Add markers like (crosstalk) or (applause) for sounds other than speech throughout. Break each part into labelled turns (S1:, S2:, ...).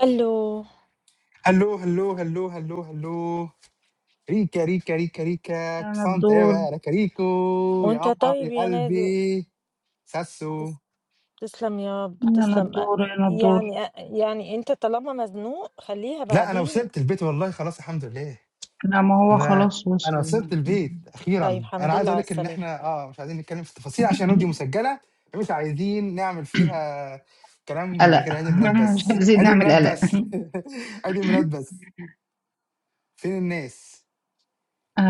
S1: قال له:
S2: هلو هلو هلو هلو هلو ريكا ريكا ريكا ريكا
S3: يا
S2: كسانت ايه
S3: نضور
S2: بقى انا كاريكو يا
S1: "وأنت
S2: عمر
S1: طيب
S2: يا
S1: يا نادر،
S2: قلبي ساسو
S1: تس تسلم يا رب،
S3: يا
S1: تسلم." أ
S3: نضور يا نضور
S1: يعني أ يعني أنت طالما مزنوق خلّيها
S2: لا انا
S1: بعدين،
S2: وصلت البيت والله خلاص الحمد لله
S3: لا ما هو
S2: انا
S3: خلاص
S2: انا
S3: وصل
S2: وصلت البيت
S1: طيب
S2: اخيرا انا
S1: الحمد
S2: عايز
S1: لله
S2: اقول
S1: على
S2: لك ان
S1: السلامة.
S2: احنا اه مش عايزين نتكلم في التفاصيل عشان ودي مسجله مش عايزين نعمل فيها كلام
S3: قلق
S2: غير عيد الميلاد
S3: (laughs) مش
S2: بس
S3: عايزين
S2: عيد
S3: نعمل
S2: الميلاد
S3: قلق
S2: بس (laughs) عيد الميلاد بس فين الناس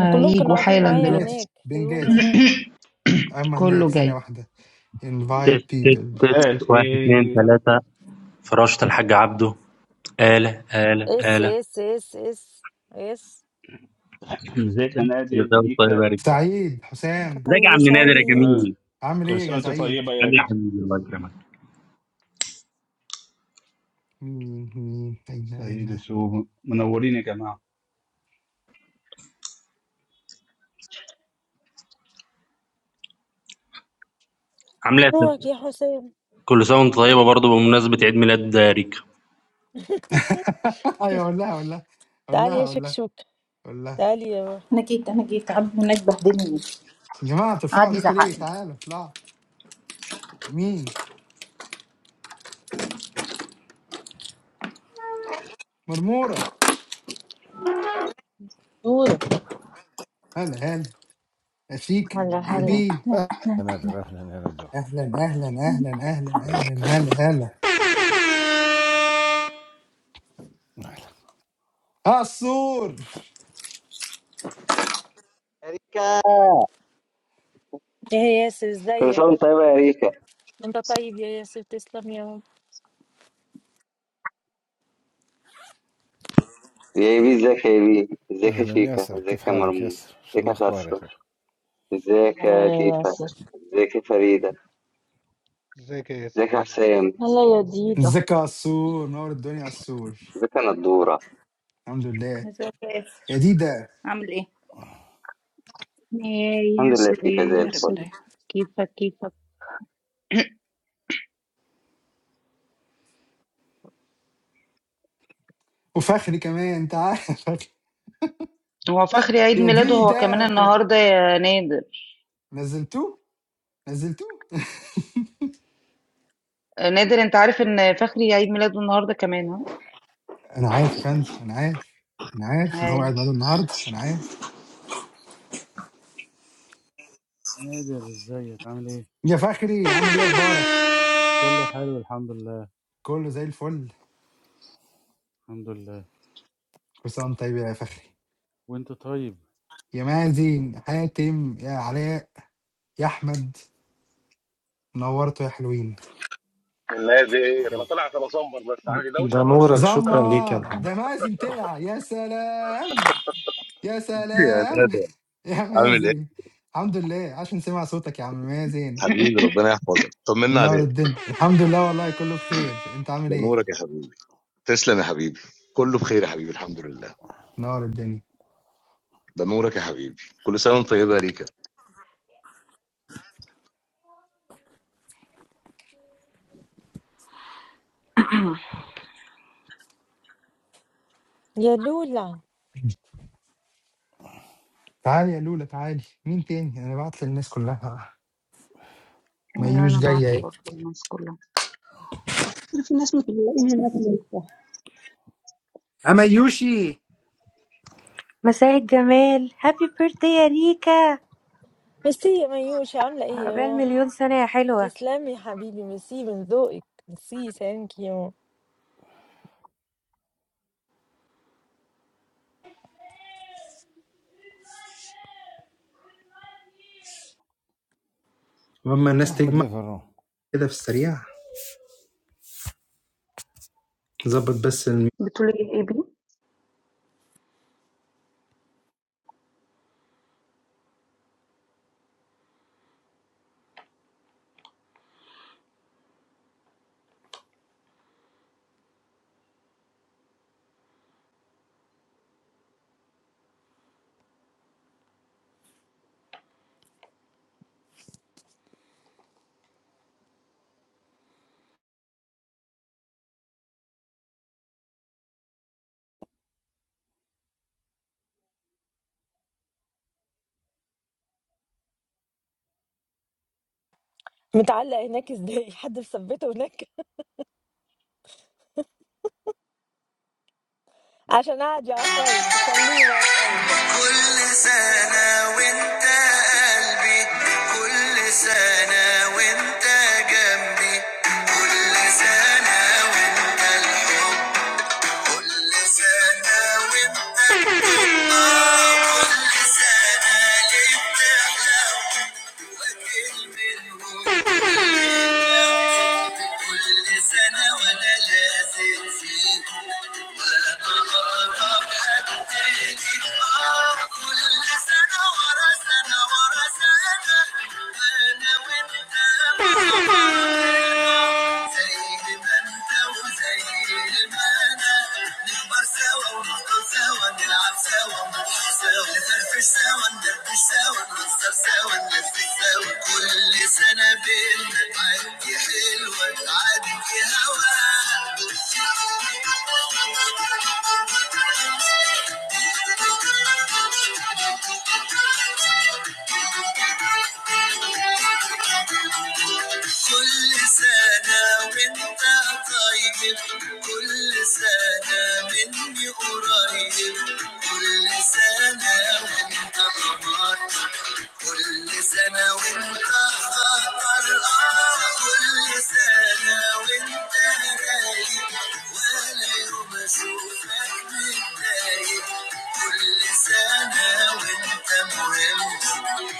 S1: وكلّهم كانوا قاعدين
S3: حالا
S1: معايا
S2: بنجاتش
S3: دلوقتي
S1: هناك في room
S2: بنجاتش
S1: هناك،
S3: (coughs)
S2: اما هناك
S3: كله
S2: ثانيه
S3: جاي
S2: واحده invite
S4: Test test
S2: people
S4: test
S5: مساء
S4: one two
S5: الخير
S4: three. Faraj, tell Haji Abdul. Ale ale
S1: "اس،
S4: ale.
S1: اس، اس، اس، اس."
S5: ازيك يا
S4: The
S5: نادر
S4: voice is
S5: ريكا
S4: very good.
S2: سعيد
S1: "وأنت
S2: حسام
S4: This is
S1: طيب
S4: a
S1: يا
S4: very
S1: سعيد،
S5: آه،
S4: beautiful
S2: عامل
S5: كل
S2: ايه
S5: سنة
S2: يا
S5: وانت
S2: سعيد؟
S5: طيبة يا ريكا
S4: performance.
S2: مين مين اين
S5: سعيد
S2: اين
S5: وسو منورين يا جماعة
S4: I am happy to hear it. Performance.
S1: نورك يا حسام،
S4: All sounds good, also and in proportion to the music.
S2: (laughs) ايوه قول لها قول لها قول
S1: تعال
S2: لها
S1: يا
S2: قول لها
S1: شكشوك،
S2: قول لها
S1: تعال يا روحي."
S6: انا جيت انا جيت عبد هناك بهدلني
S2: يا جماعه ترفعوا
S6: قعد
S2: ايديكم
S6: يزعق
S2: ليه؟
S6: لي
S2: تعالوا اطلعوا مين؟ مرموره
S7: دورة
S2: هلا هلا اشيك
S7: هلا
S2: يا
S6: اهلا
S7: هلا
S2: بي
S6: اهلا
S8: أهلا يا نادر أهلا يا ندى
S2: اهلا اهلا اهلا اهلا
S8: ازيك
S2: اهلا هلا هلا
S8: أهلا
S2: عصور
S9: أريكا
S1: "يا ياسر
S9: كل سنة
S1: إزيك؟"
S9: وانت طيبة يا ريكا
S1: "وأنت طيب يا ياسر، تسلم يا رب."
S9: يا ايبي ازيك يا ايبي ازيك يا
S8: أهلا
S9: شيكا
S8: ياسر كيف
S9: ازيك يا
S8: حالك
S9: مرمون
S8: ياسر شو
S9: ازيك يا
S8: الأخبار يا
S9: ساسو
S8: أخوي
S9: ازيك
S7: هلا
S9: يا
S7: يا
S9: تيفا
S7: ياسر
S9: ازيك يا فريدة
S10: Zaka Yasef,
S9: ازيك يا
S10: amelin.
S9: حسام
S7: هلا يا ديدة
S2: ازيك يا عصور نور الدنيا يا عصور
S9: ازيك يا نضورة
S2: الحمد لله
S6: ازيك يا
S2: يا
S6: ياسر
S2: ديدا
S6: عامل ايه
S3: يا
S9: الحمد لله
S3: ياسر
S9: فيك زي
S3: يا
S6: الهرب
S9: الفل
S3: ياسر
S6: ده
S3: كيفك كيفك
S2: وفخري كمان تعال (laughs)
S3: هو فخري عيد
S2: يا
S3: ميلاده هو كمان
S2: ديدا
S3: النهارده يا نادر
S2: نزلتوه؟ نزلتوه؟
S3: آه، نادر انت عارف ان فخري عيد ميلاده النهارده كمان ها
S2: أنا عارف يا فندم، أنا عارف، أنا عارف إن هو
S3: هاي
S2: قاعد معانا النهارده، أنا عارف.
S11: I don't know how to
S2: يا فخري عامل إيه أخبارك؟
S11: do it. It's
S2: كله زي الفل،
S11: all good.
S2: كل سنة وأنت طيب يا فخري.
S11: Praise God. Praise
S2: يا مازن، حاتم، يا علاء، يا أحمد، نورتوا يا حلوين.
S12: The weather. I didn't come in November, but I had a lot
S13: ده
S12: of fun. I
S13: نورك شكرا ليك يا
S2: زمار،
S13: محمد
S2: ده مازن طلع، يا سلام، يا
S14: Yeah,
S2: سلام،
S14: that's it.
S2: (laughs) يا
S14: I'm the
S2: مازن. الحمد لله، عشان سمع صوتك يا عم مازن،
S14: analyst. God bless you. I hope for you. The moment, my
S2: منور
S14: dear.
S2: الدنيا. الحمد لله والله كله بخير، أنت عامل إيه؟
S14: Bless you, my dear. All is well, my dear. Praise be to God.
S2: منور الدنيا.
S14: The moment, my dear. Every year, God bless you. I'm
S1: "يا لولا،
S2: تعالي يا لولا تعالي، مين تاني؟ أنا بعت للناس كلها. ميوش
S3: انا بعت
S2: جاية اهي
S3: برضه الناس كلها
S15: في ناس متبلعين هناك لسه
S2: اما يوشي
S16: مساء الجمال هابي بيرثدي يا ريكا
S1: ميرسي يا منيوشة، عاملة إيه يا
S16: عقبال
S1: روحي؟"
S16: مليون سنة يا حلوة
S1: تسلمي يا حبيبي ميرسي من ذوقك ميرسي ثانك يو
S2: اما
S8: هو
S2: الناس
S8: أحمد
S2: تجمع
S8: ليه في الروم
S2: كده في السريع ظبط بس الم...
S3: بتقولي ايه ايه بيه
S1: متعلق هناك ازاي (laughs) حد مثبته هناك عشان قاعد يعترض خليه معترض بقى
S2: كل سنة وانت قلبي كل سنة وانت جنبي كل سنة وانت الحب كل سنة وانت آه، كل سنة ليه بتحلو واكل منهم كل الجو كل سنة وأنا وانا لازق فيكم وانا اقرب حد تاني آه، كل سنة ورا سنة ورا سنة انا وانت مع بعضنا زي ما انت وزي ما انا نكبر سوا ونفضل سوا نلعب سوا ونضحك سوا نفرفش سوا ندردش سوا نهزر سوا تتساوى كل سنة بينا تعدي حلوة تعدي هوا كل سنة وانت طيب كل سنة مني قريب كل سنة وانت خطر كل سنة وانت خطر آه كل سنة وانت رايق ولا يوم اشوفك متضايق كل سنة وانت مهم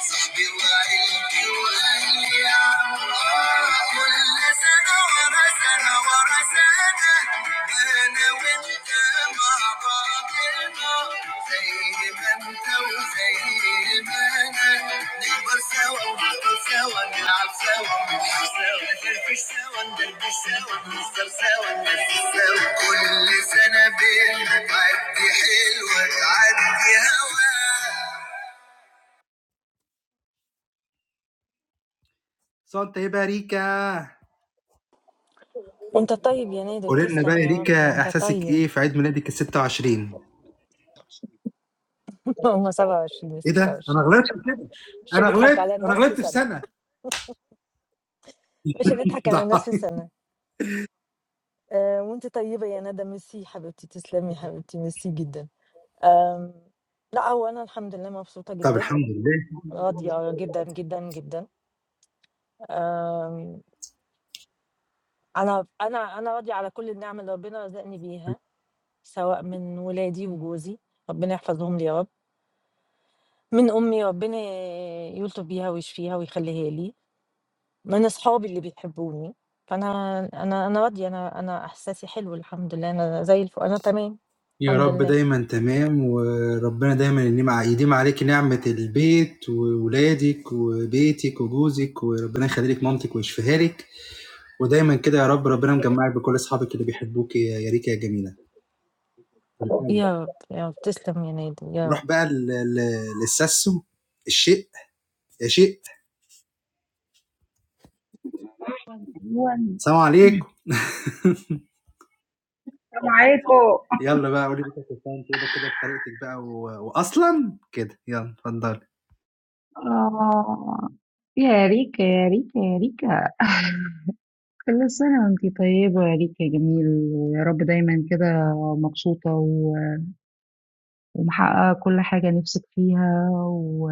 S2: صاحبي وعيلتي واهلي يا عم كل سنة بنعدي حلوة تعدي هوا صوت ايه بقى ريكا
S1: وانت طيب يا نادر
S2: قولي لنا بقى
S1: تسلم
S2: يا
S1: يا رب
S2: ريكا
S1: وانت
S2: احساسك
S1: طيب
S2: ايه في عيد ميلادك ال 26
S1: (laughs) هم 27 و
S2: ايه ده؟ انا
S1: 26
S2: غلطت كده
S1: مش
S2: انا
S1: هنضحك
S2: غلطت
S1: على
S2: انا
S1: الناس في
S2: غلطت في
S1: سنة
S2: سنه
S1: مش هنضحك على الناس
S2: (laughs)
S1: في سنة آه وانت طيبة يا ندى ميرسي حبيبتي تسلمي يا حبيبتي ميرسي جدا آم لا هو انا الحمد لله مبسوطة
S2: (applause) طب
S1: جدا
S2: الحمد لله
S1: راضية جدا جدا جدا آم أنا أنا أنا راضية على كل النِّعَم اللي ربنا رزقني بيها، سواء من ولادي وجوزي ربنا يحفظهم لي يا رب، من أمي ربنا يلطف بيها ويشفيها ويخلّيها لي، من أصحابي اللي بيحبوني، فأنا أنا أنا راضية أنا أنا إحساسي حلو الحمد لله، أنا زي الف أنا تمام
S2: يا
S1: الحمد
S2: رب
S1: لله.
S2: دايما تمام وربنا دايما يديم ع- يديم عليك نعمه البيت وولادك وبيتك وجوزك وربنا يخلي لك مامتك ويشفيها لك ودايما كده يا رب ربنا مجمعك بكل اصحابك اللي بيحبوك يا يا ريكا يا جميله
S1: يا رب، يا رب، تسلم يا نادي يا رب.
S2: نروح بقى ل- ل- للسسو الشيء يا شيء
S3: ايوه
S2: سلام عليكم
S3: السلام عليكم
S2: يلا بقى قولي لي كده كده بطريقتك بقى و... واصلا كده يلا اتفضل
S3: آه يا ريكا يا ريكا يا ريكا كل سنة وانتي طيبة يا ريكا يا جميل ويا رب دايما كده مبسوطة و- ومحققة كل حاجة نفسك فيها و...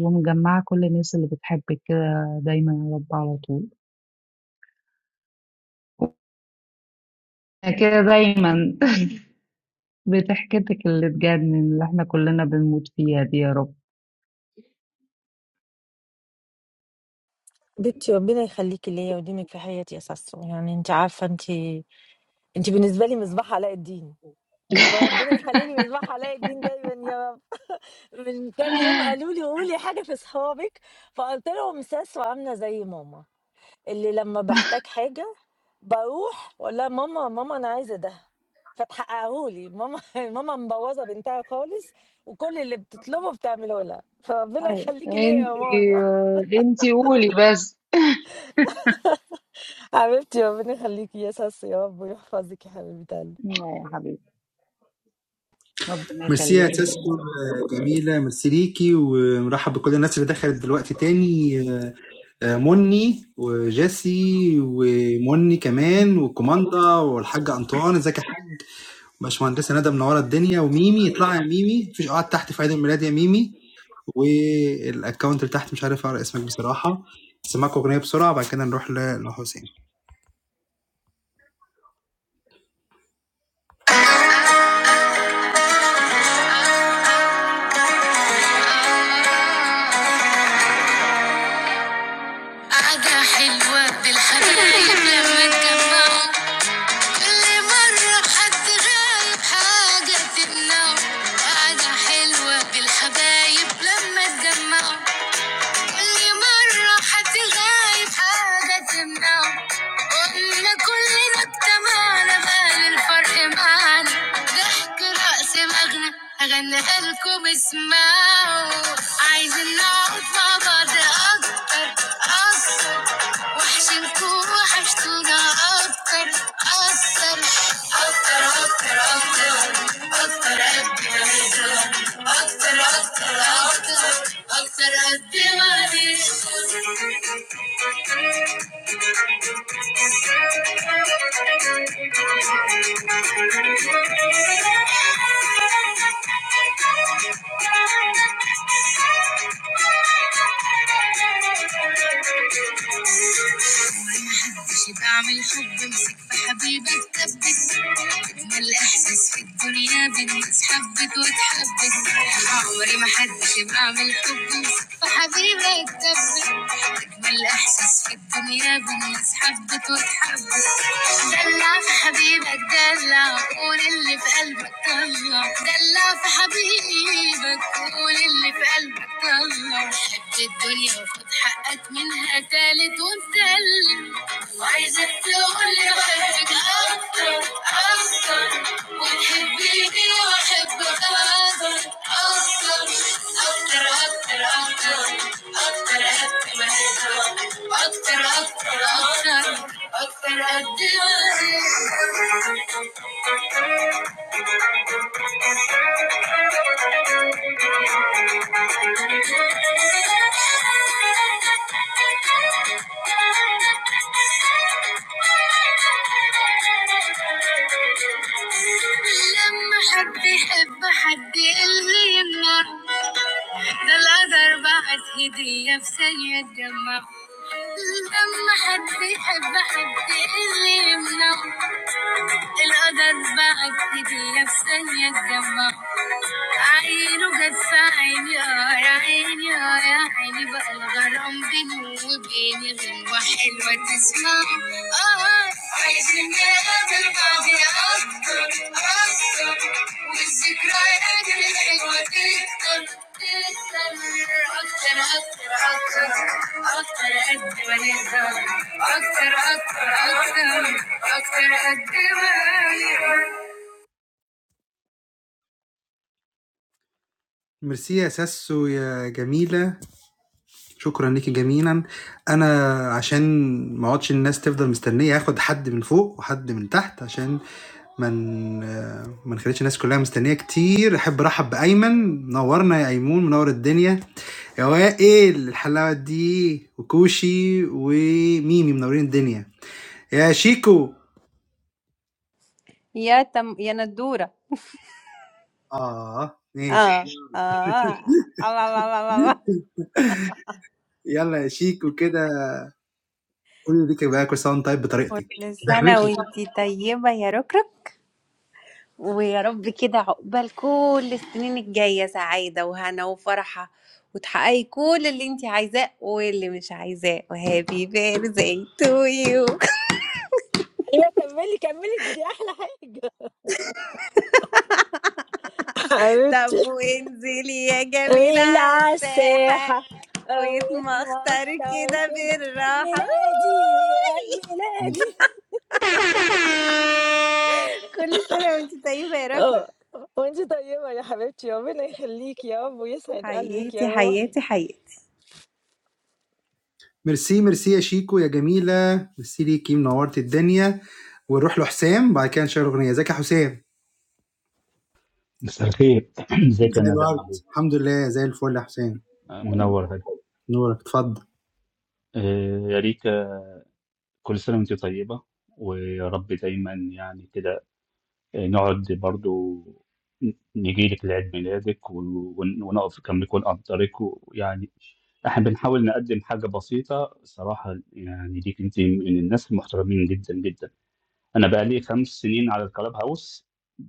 S3: ومجمعة كل الناس اللي بتحبك كده دايما يا رب على طول يعني كده دايما (laughs) بضحكتك اللي تجنن اللي احنا كلنا بنموت فيها دي يا رب
S1: حبيبتي ربنا يخليكِ ليّا ويديمِك في حياتي يا ساسو، يعني أنتِ عارفة أنتِ أنتِ بالنسبة لي مصباح علاء الدين، فربنا يخلّي لي مصباح علاء الدين دايمًا يا من كام يوم قالوا لي قولي حاجة في صحابك فقلت لهم ساسو عاملة زي ماما اللي لما بحتاج حاجة بروح واقول لها ماما ماما انا عايزة ده فتحققه لي ماما (laughs) ماما مبوظة بنتها خالص وكل اللي بتطلبه بتعمله لها فربنا
S3: أيوة
S1: يخليكي ليا يا
S3: انتي
S1: ماما
S3: انتي قولي بس (laughs)
S1: (laughs) حبيبتي ربنا يخليكي يا ساسي يا رب يحفظك يا حبيبة قلبي
S3: يا حبيبي ربنا
S2: ميرسي يا
S3: يخليكي لي يا
S2: تاسكو
S3: رب
S2: جميلة ميرسي ليكي ومرحب بكل الناس اللي دخلت دلوقتي تاني آه، آه، مني وجيسي ومني كمان وكوماندا والحاجة أنطوان ازيك يا حاج باشمهندسة ندى منورة الدنيا وميمي اطلعي يا ميمي مفيش قعد تحت في عيد الميلاد يا ميمي والاكونت اللي تحت مش عارف اقرا اسمك بصراحة سمعك أغنية بسرعة بعد كده نروح ل- لحسين قعدة حلوة بالحبايب لما اتجمعوا كل مرة حد غايب حاجة تمنعه قعدة حلوة بالحبايب لما اتجمعوا كل مرة حد غايب حاجة تمنعه قلنا كلنا اجتمعنا بقى الفرق معانا ضحك رأس مغنى هغنيها لكم اسمعوا عايزين نقعد مع بعض أكتر أكتر وحشنكوا وحشتونا أكتر أكتر I said I'm ready. محدش بعمل حب امسك في حبيبك اتثبت اجمل احساس في الدنيا بالناس حبت واتحبت عمري ما حدش بعمل حب امسك في حبيبك اتثبت اجمل احساس في الدنيا بالناس حبت واتحبت دلع في حبيبك دلع قول اللي في قلبك طلع دلع في حبيبك قول اللي في قلبك طلع حب الدنيا وخد حقك منها تالت وسلم وعايزك تقولي بحبك اكتر اكتر وتحبيني واحبك اكتر اكتر اكتر اكتر اكتر اكتر قد ما هي اكتر اكتر اكتر اكتر قد ما هي لما حد يحب حد يقلي النار ثلاث أرباع هدية في ثانية تجمع لما حد يحب حد اللي يمنع القدر بعد هدية في ثانية تجمع عينه جت في عيني اه يا عيني اه يا عيني بقى الغرام بيني وبيني غنوة حلوة تسمع اه عايزين نقابل بعض أكتر أكتر والذكريات اللي ميرسي يا ساسو يا جميلة شكرا ليكي جميلا انا عشان ما اقعدش الناس تفضل مستنية هاخد حد من فوق وحد من تحت عشان من ما نخليش الناس كلها مستنية كتير احب ارحب بايمن نورنا يا ايمون منور الدنيا يا وائل الحلاوة دي وكوشي وميمي منورين الدنيا يا شيكو
S17: يا تم يا ندورة
S2: اه ماشي
S17: آه آه الله الله الله الله الله.
S2: يلا يا شيكو كده قولي ليك بقى كل سنة وأنت طيب بطريقتك
S17: كل سنة وانتي طيبة يا ركرك ويا رب كده عقبال كل السنين الجاية سعيدة وهنا وفرحة وتحققي كل اللي انتي عايزاه واللي مش عايزاه وهابي بيرثداي تو يو (laughs)
S1: لا كملي كملي دي, دي احلى حاجة (laughs) حبيبتي
S17: طب وانزلي يا جميلة على الساحة
S1: والعساحة قويت
S17: ويتمخطر
S1: مختار
S17: كده
S1: كده عيد
S17: بالراحة (laughs)
S1: ميلادي عيد ميلادي (laughs)
S17: كل سنة وانتي طيبة يا ركرك
S1: اه وانت طيبة يا حبيبتي ربنا يخليك يا رب ويسعد قلبك
S17: حياتي
S1: يا روحي
S17: حياتي حياتي
S2: ميرسي ميرسي يا شيكو يا جميلة ميرسي ليكي منورت الدنيا ونروح لحسام بعد كده نشغل أغنية ازيك يا حسام
S5: مساء الخير (clears throat) ازيك يا
S2: زي
S5: نادر عامل
S2: الورد
S5: ايه؟
S2: الحمد لله زي الفل يا حسام
S5: آه، منور هادي
S2: نورك اتفضل
S5: آه، يا ريكا كل سنة وانت طيبة ويا رب دايما يعني كده آه، نقعد برضو نجي لك لعيد ميلادك و- ون- ونقف كم يكون أقدرك ويعني احنا بنحاول نقدم حاجة بسيطة صراحة يعني ليك انت من الناس المحترمين جدا جدا انا بقى لي خمس سنين على الكلاب هاوس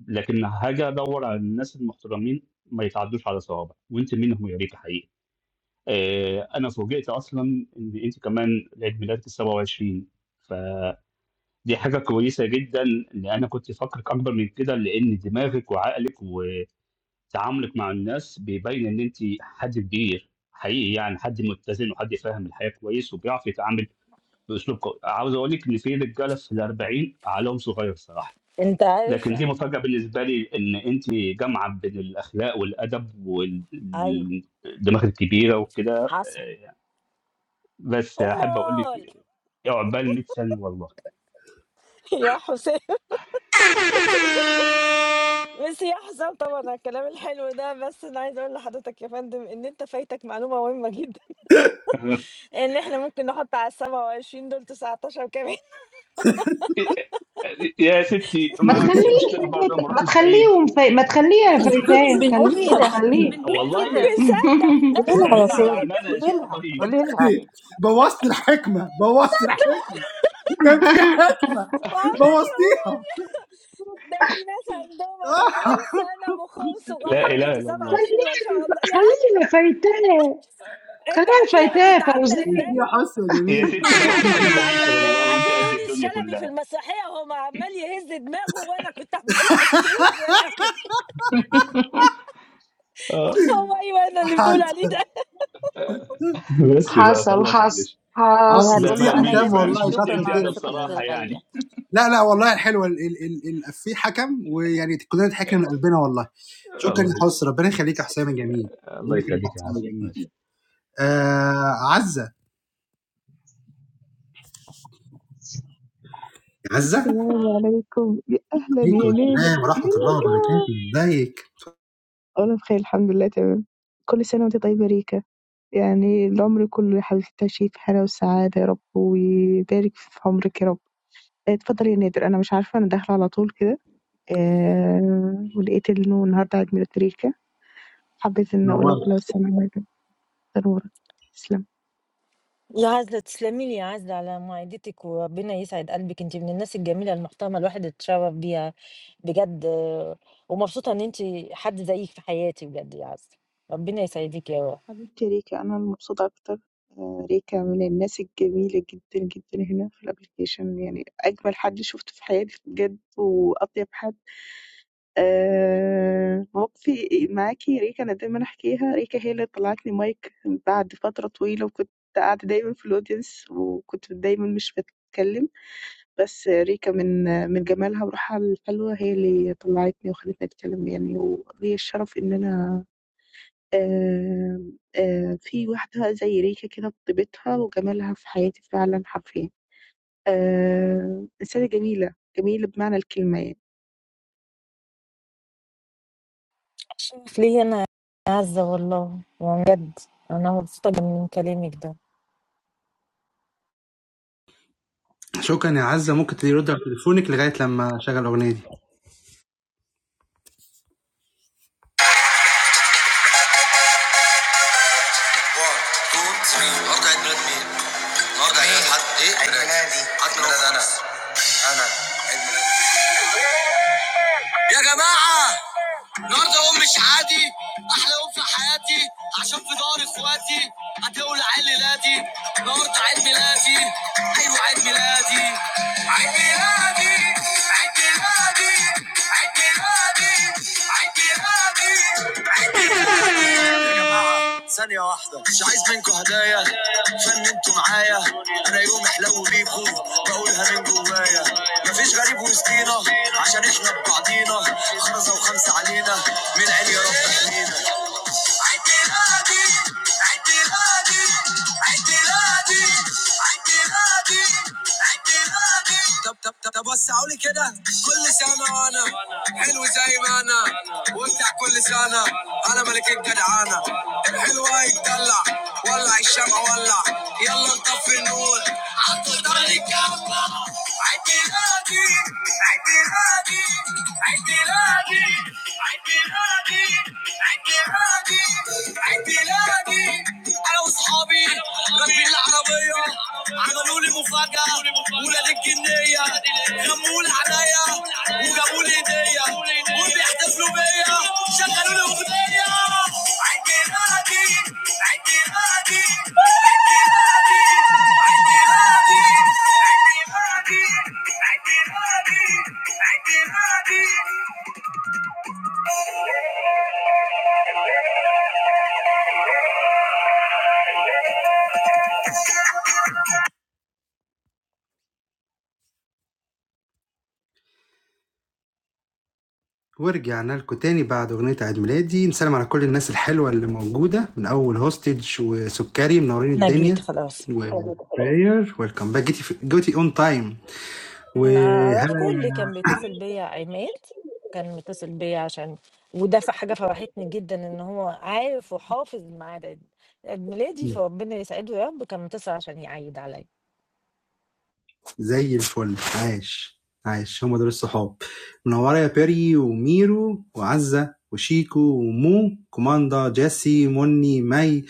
S5: لكن هاجي ادور على الناس المحترمين ما يتعدوش على صوابع وانت منهم يا ريت حقيقي آه، انا فوجئت اصلا ان انت كمان عيد ميلادك ال 27 فدي حاجه كويسه جدا لان انا كنت فاكرك اكبر من كده لان دماغك وعقلك وتعاملك مع الناس بيبين ان انت حد كبير حقيقي يعني حد متزن وحد فاهم الحياه كويس وبيعرف يتعامل باسلوب قوي عاوز اقول لك ان في رجاله في ال 40 عقلهم صغير صراحه
S1: انت عارف
S5: لكن دي مفاجأة بالنسبة لي إن أنتِ جامعة بين الأخلاق والأدب وال
S1: ايوه
S5: الدماغ الكبيرة وكده
S1: حصل
S5: آآ، بس أحب أقول
S1: امال
S5: لِك عقبال 100 سنة والله
S1: (laughs) يا حسام بس يا حسام طبعا على الكلام الحلو ده بس انا عايز اقول لحضرتك يا فندم ان انت فايتك معلومه مهمه جدا
S5: (laughs)
S1: ان احنا ممكن نحط على ال 27 دول 19 كمان
S5: يا ستي
S3: ما
S5: ما فيش
S3: تخلّيش
S5: مشكلة برضه أنا ما
S3: فايت ما
S5: رُحتش بعيد،
S3: تخلّيهم فاي ما تخلّيها
S6: مش
S3: فايتاه،
S6: بنقول
S3: خلّيه
S6: كده مش
S3: خلّيه
S6: بنقول
S5: والله
S6: كده
S1: الراجل
S5: (laughs)
S3: (laughs)
S1: صدق
S16: قولي
S1: الراجل
S16: لها يا
S5: خلّينا على
S1: يقول
S16: سالم
S1: لك
S5: أعمالنا يا
S16: قولي
S5: شيخة
S16: لها
S5: طيب،
S16: قولي لها
S2: (laughs) بوظت الحكمة
S1: (laughs)
S2: بوظت
S1: صدق
S2: الحكمة كان في حكمة
S1: وعمال يقول
S2: بوظتيها
S1: ده في ناس عندهم 40 سنة مخهم
S2: (laughs)
S5: لا
S1: صغير
S5: إله
S1: وانت
S5: إلا الله،
S1: 27 ما شاء الله
S3: خلّيها
S1: يا عم،
S3: خلّيها فايتاه،
S1: انتوا
S3: خلّيها
S1: عارفين انا كنت
S3: فايتاه
S1: عاملة
S2: وفي
S3: فوزية.
S1: ازاي؟
S2: حسه
S5: يا
S2: جميل (laughs)
S5: ستي
S1: انت
S5: العمر
S1: عارفة كنت
S5: كله ليكِ
S1: عاملة ازاي؟
S5: والله وأنتِ
S1: عارفين
S5: قد
S1: يونس
S5: الدنيا
S1: شلبي في
S5: كلها،
S1: المسرحية هو عمال يهز دماغه وانا كنت عمالة اهز له دماغي (laughs)
S5: آه،
S1: هو ايوه انا اللي بتقول عليه ده
S2: (applause)
S5: آه. (laughs) بس بقى
S3: حصل،
S5: خلاص
S3: حصل،
S5: ماشي،
S6: هي
S3: حصل.
S5: ده
S6: هتقول
S2: نسي
S5: بقى
S6: له انا
S5: منِّك
S6: يا
S2: حكام
S5: بقى
S6: ابني
S5: مش
S2: والله كتر
S6: شكرا
S5: مشكلتي
S6: على
S5: أنا
S2: خيرك
S6: ثقتك
S5: الصراحة
S6: الغاليه
S5: يعني،
S2: لا لا والله الحلوه ال- ال- ال- ال- في حكم ويعني كلنا ضحكنا من قلبنا والله
S5: (laughs)
S2: شكرا
S5: الله
S2: يا حس ربنا يخليك يا حسام الجميل ربنا
S5: Let's go
S2: يخليك
S5: to
S2: يا حسام
S5: class.
S2: الجميل آه عزه عزه
S18: السلام عليكم يا أهلا
S2: عليكم
S18: يا نادر
S2: السلام
S18: يا
S2: ورحمه الله
S18: ريكا
S2: وبركاته ازيك
S18: أنا بخير الحمد لله تمام كل سنة وأنت طيبة يا ريكا يعني العمر كله يا حبيبتي التوفيق في حلاوة والسعادة يا رب ويبارك في عمرك يا رب آه، اتفضل يا نادر أنا مش عارفة أنا داخلة على طول كده آه ولقيت إنه النهاردة عيد ميلاد ريكا حبيت إن أقول لك
S2: نورت
S18: كل سنة وأنت طيبة. تنورك تسلم
S1: يا عزلة تسلمي لي يا عزلة على معدتِك، وربنا يسعد قلبِك، أنتِ من الناس الجميلة المحترمة الواحد اتشرّف بيها بجد، آه، ومبسوطة إن أنتِ حد زيِّك في حياتي بجد يا عزة، ربنا يسعدِك يا رب.
S18: حبيبتي ريكا أنا مبسوطة أكتر آه، ريكا من الناس الجميلة جدا جدا هنا في الابليكيشن يعني أجمل حد شفته في حياتي بجد وأطيب حد آه، مواقفي معاكي ريكا أنا دايما أحكيها ريكا هي اللي طلعت لي مايك بعد فترة طويلة وكنت قاعدة دايما في الأودينس وكنت دايما مش بتكلم بس ريكا من من جمالها وروحها الحلوة هي اللي طلعتني وخلتني أتكلم يعني وليا الشرف إن أنا آآ، آآ، في واحدة زي ريكا كده بطيبتها وجمالها في حياتي فعلًا حرفيًا. آآ، إنسانة جميلة، جميلة بمعنى الكلمة يعني.
S1: شرف ليّا أنا يا عزة والله، يعني بجد أنا مبسوطة من كلامِك ده،
S2: شكرا يا عزه ممكن ترد على تليفونك لغايه لما اشغل الاغنيه دي 1 2 3 النهارده عيد ميلاد مين؟ النهارده عيد ميلاد حد ايه؟ عيد ميلادي حد ميلاد انا انا عيد ميلادي يا جماعه النهارده يوم مش عادي احلى يوم في حياتي عشان في دار اخواتي هتولع عيد ميلادي النهارده عيد ميلادي ايوه عيد ميلادي عيد ميلادي عيد ميلادي عيد ميلادي عيد ميلادي ثانية واحدة مش عايز منكم هدايا فن انتوا معايا انا يوم احلو بيكم بقولها من جوايا مفيش غريب وسطينا عشان احنا ببعضينا خمسة وخمسة علينا من عين يا رب احمينا اعتراضي اعتراضي اعتراضي اعتراضي اعتراضي طب طب طب طب وسعوا لي كده كل سنه وانا حلو زي ما انا وامتع كل سنه انا ملك الجدعانه الحلوه يتدلع ولع الشمع ولع يلا نطفي النور عطت عليك الله عيد ميلادي عيد ميلادي عيد ميلادي عيد ميلادي عيد ميلادي عيد ميلادي انا واصحابي راكبين العربيه عملوا لي مفاجاه ولاد الجنيه غموا لي عليا وجابوا لي هديه وبيحتفلوا بيا شغلوا لي اغنيه عيد ميلادي عيد ميلادي ورجعنا لكم تاني بعد أغنية عيد ميلادي نسلم على كل الناس الحلوة اللي موجودة من أول هوستج وسكري منورين
S1: أنا
S2: الدنيا
S1: جيت خلاص.
S2: و براير ويلكم باك جيتي جيتي اون تايم
S1: عارفكوا اللي
S2: وهلا
S1: كان بيتصل بيا عماد كان متصل بيا عشان وده ف- حاجة فرحتني جدا ان هو عارف وحافظ الميعاد عيد عيد ميلادي فربنا يسعده يا رب كان متصل عشان يعيد عليا
S2: زي الفل عاش عاش هم دول الصحاب منورة يا بيري وميرو وعزة وشيكو ومو كوماندا جاسي مني مي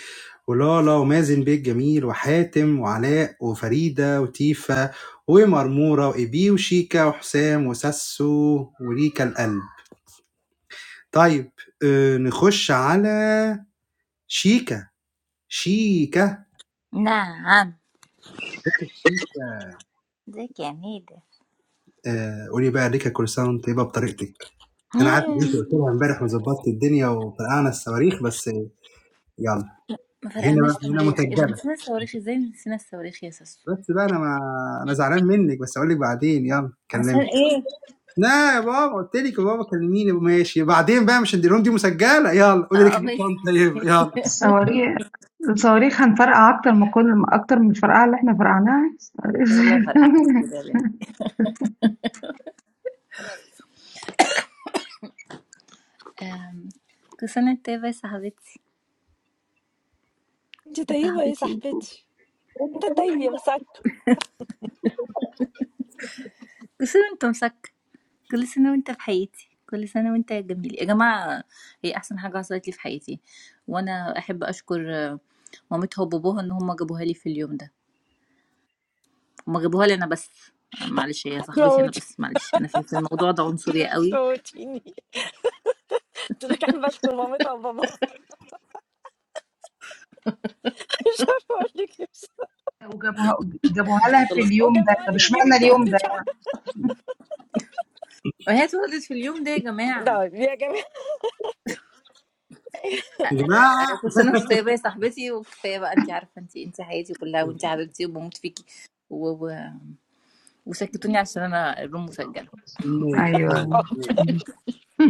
S2: ولالا ومازن بيه الجميل وحاتم وعلاء وفريدة وتيفا ومرمورة وإيبي وشيكا وحسام وساسو وريكا القلب طيب آه، نخش على شيكا شيكا
S6: نعم
S2: ذكر شيكا
S6: ازيك يا ميدة
S2: آآ قولي بقى الريكة كل سنة وأنتِ طيبة بطريقتِك، أنا عارف إن أنتِ
S6: مم،
S2: قُلتِ لها امبارح وضبّطتِ الدنيا وفرقعنا الصواريخ بس يالّا،
S6: ما
S2: هنا
S6: فرقعناش
S2: بقى هنا
S6: صواريخ اذا
S2: مُسجّلة،
S6: نسينا الصواريخ ازاي نسينا الصواريخ يا ساسو
S2: بس بقى أنا ما أنا زعلان منِّك بس هاقول لِك بعدين يالّا
S6: عشان
S2: كلّمي،
S6: ايه
S2: لا يا بابا قُلت لِك يا بابا كلّميني ماشي بعدين بقى مش الدينار دي مُسجّلة يالّا قولي لِك
S6: اه
S2: (unintelligible)
S6: ميس
S2: طيبة
S6: ميس.
S2: يالّا،
S3: الصواريخ الصواريخ هنفرقع أكتر ما كل ما أكتر من الفرقعة اللي إحنا فرقعناها
S6: والله فرقعنا كتير يا بنت أم، كل سنه وانت طيبه يا صاحبتي
S1: انت
S6: يا
S1: طيبة يا
S6: صاحبتي
S1: صاحبتي انت طيب يا مسك
S6: كل سنة وانت مسك كل سنة وانت في حياتي كل سنة وانت جميل يا جماعة هي أحسن حاجة حصلت لي في حياتي وأنا أحب أشكر آه، مامتها وباباها إن هما جابوها لي في اليوم ده هما جابوها لي أنا بس آه، معلش هي صاحبتي أنا
S1: هتموتي
S6: بس معلش أنا في في الموضوع ده عنصرية قوي
S1: هتموتيني (laughs) قلت لك احب اشكر مامتها وباباها (laughs) مش عارفة اقول لك ايه
S3: (laughs) وجابوها جابوها لها في
S6: خلاص
S3: اليوم ده،
S1: وجابوها
S3: طب
S1: لي في
S3: اشمعنى
S1: اليوم ده (laughs)
S3: اليوم ده؟
S1: مش عارفة
S6: وهي اتولدت في اليوم ده يا جماعة
S1: طيب يا جماعة
S2: يا
S6: آه، آه،
S2: جماعة
S6: كل سنة وانت طيبة يا صاحبتي وكفاية بقى أنت عارفة أنت أنت حياتي كلها وأنت حبيبتي وبموت فيكي و... و... وسكتوني عشان أنا الروم مسجلة
S2: ماشي،
S3: أيوه، (laughs)
S2: ماشي، ماشي،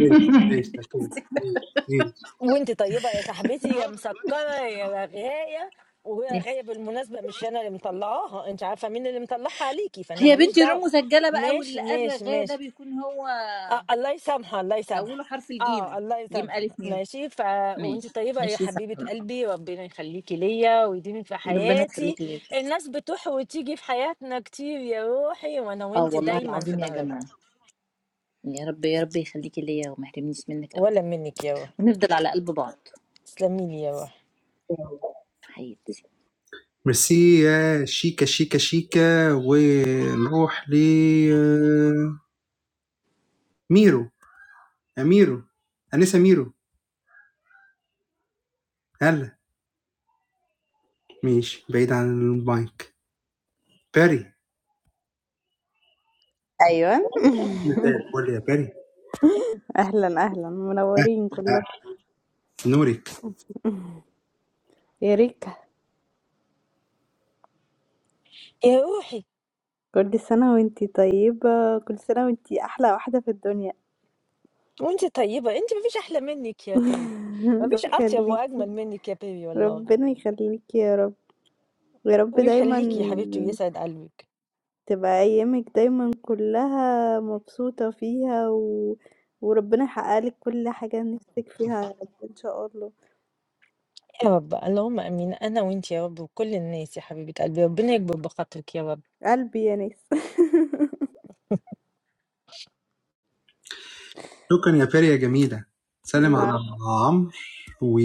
S2: ماشي، ماشي، مفهوم، ماشي، ماشي،
S1: وانت طيبة يا صاحبتي يا مسكرة يا رغاية وهي غاية بالمناسبة مش أنا اللي مطلعاها أنت عارفة مين اللي مطلعها عليكي فأنا
S6: هي
S1: ماليش
S6: بنتي روم
S1: دعوة
S6: مسجلة بقى
S1: ماشي
S6: واللي قال
S1: ماشي
S6: رغاية ده
S1: ماشي
S6: بيكون هو
S1: آه الله يسامحها الله يسامحها
S6: أوله حرف
S1: اه
S6: الجيم
S1: الله
S6: جيم
S1: يسامحها
S6: ألف ميم
S1: ماشي ف
S6: ماشي
S1: وانت طيبة يا
S6: ماشي
S1: حبيبة
S6: سهلة
S1: قلبي ربنا يخليكي ليا ويديمك في
S6: ربنا
S1: حياتي
S6: يخليك ليا
S1: الناس بتروح وتيجي في حياتنا كتير يا روحي وانا
S6: اه
S1: وانت
S6: والله
S1: دايما في
S6: العظيم يا
S1: ظهر بعض
S6: جماعة يا رب يا رب يخليكي ليا وما يحرمنيش منك أبدا
S1: ولا منك يا روحي
S6: ونفضل على قلب بعض
S1: تسلمي لي يا روحي
S6: حياتي
S2: ميرسي يا شيكا، شيكا، شيكا ونروح ل ميرو، ميرو، أنسة ميرو، هلا، ماشي، بعيد عن المايك، باري،
S19: أيوة
S2: مساء الفل يا باري،
S19: أهلا أهلا منورين
S2: أه،
S19: كلكم
S2: نورك،
S19: (laughs) يا ريكا
S1: يا روحي
S19: كل سنة وانتي طيبة كل سنة وانتي أحلى واحدة في الدنيا
S1: وانت طيبة انت ما فيش احلى منك
S19: (laughs)
S1: يا بي ما
S19: ربنا
S1: فيش اطيب واجمل
S19: يخليكي
S1: منك يا بيبي والله
S19: ربنا يخليكي يا رب يا رب دايما
S1: ويخليك يا حبيبتي ويسعد قلبك
S19: تبقى أيامك دايما كلها مبسوطة فيها و... وربنا يحقق لك كل حاجة نفسك فيها يا رب إن شاء الله
S1: يا رب اللهم امين انا وانت يا رب وكل الناس يا حبيبة قلبي ربنا يكبر بخاطرك يا رب
S19: قلبي يا ناس
S2: شكرا يا باري يا جميلة،
S19: (laughs)
S2: سلم على
S19: نعم
S2: عمرو و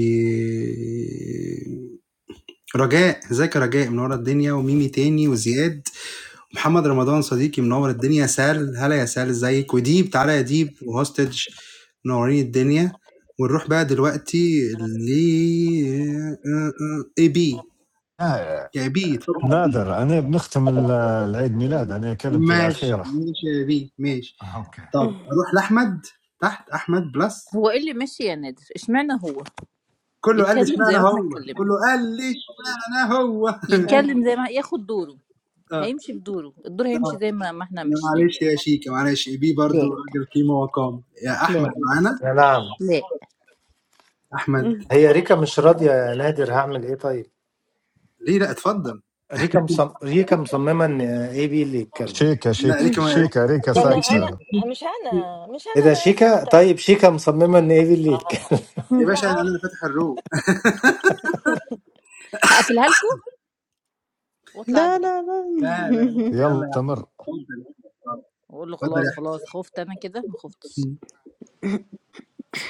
S2: رجاء، ازيك يا رجاء منورة الدنيا وميمي تاني وزياد محمد رمضان صديقي منور الدنيا سال هلا يا سال ازيك وديب تعالى يا ديب وهوستج منورين الدنيا ونروح بقى دلوقتي ل اي بي
S8: آه،
S2: يا بي اتفضل
S8: نادر انا بنختم ال- العيد ميلاد انا كلمتي
S2: ماشي
S8: الاخيره
S2: ماشي يا بي ماشي
S8: آه، اوكي
S2: طب اروح لاحمد تحت احمد بلس
S6: هو ايه اللي ماشي يا نادر اشمعنى هو
S2: كله قال لي
S6: يتكلم زي ما
S2: اشمعنى
S6: احنا
S2: هو
S6: اتكلمنا
S2: كله قال لي اشمعنى هو
S19: (laughs)
S6: يتكلم زي ما ياخد دوره
S2: اه
S6: هيمشي في دوره الدور هيمشي
S2: طب
S6: زي ما ما احنا ماشيين
S2: معلش يا شيكا معلش بي برضو
S6: لا
S2: راجل قيمه وقام يا احمد
S6: لا
S2: معانا
S13: يا نعم
S6: لا
S2: احمد
S13: هي ريكا مش راضية يا نادر هعمل ايه طيب
S2: ليه لا اتفضل
S13: ريكا مصم... ريكا مصممة ان اي بي اللي يتكلم
S8: شيكه
S2: لا ليه
S8: شيكه
S2: كمان احمد
S8: شيكه ريكه
S1: انا
S2: (laughs)
S1: انا
S2: شيكا
S8: ساكته
S1: مش
S2: شيكا.
S1: انا مش
S13: ايه ده
S1: انا انا
S13: شيكا
S1: ساكتة
S13: طيب شيكا مصممة ان ايه دي اللي يتكلم
S2: يا
S1: لا
S2: باشا
S1: (laughs)
S2: انا
S1: أهو.
S2: اللي فاتح الروم
S6: هقفلها لكم واطلع
S19: لا
S6: اجري
S19: لا
S2: لا لا لا
S8: يلا
S2: يلا يا احمد
S8: استمر
S2: اتفضل
S6: واقول له
S2: اتفضل يا
S6: خلاص
S2: احمد
S6: خلاص خفت انا كده ما خفتش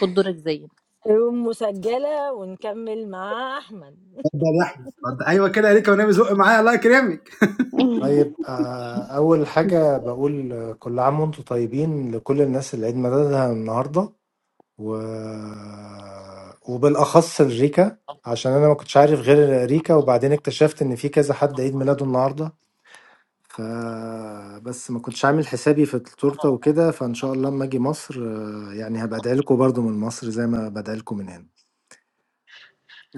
S6: خد دورك زينا
S1: الروم مسجلة ونكمل مع احمد
S2: اتفضل يا احمد اتفضل. ايوه كده ليك ونبي زق معايا الله يكرمك
S19: لا
S13: (laughs)
S19: (laughs)
S13: طيب آه اول حاجة بقول آه، كل عام وانتم طيبين لكل الناس اللي عيد ميلادها النهاردة و... وبالاخص لريكا عشان انا ما كنتش عارف غير ريكا وبعدين اكتشفت ان في كذا حد عيد ميلاده النهاردة ف بس ما كنتش عامل حسابي في التورتة وكده، فإن شاء الله أمّا آجي مصر آه، يعني هابقى أدعي لكم برضه من مصر زي ما بادعي لكم من هنا،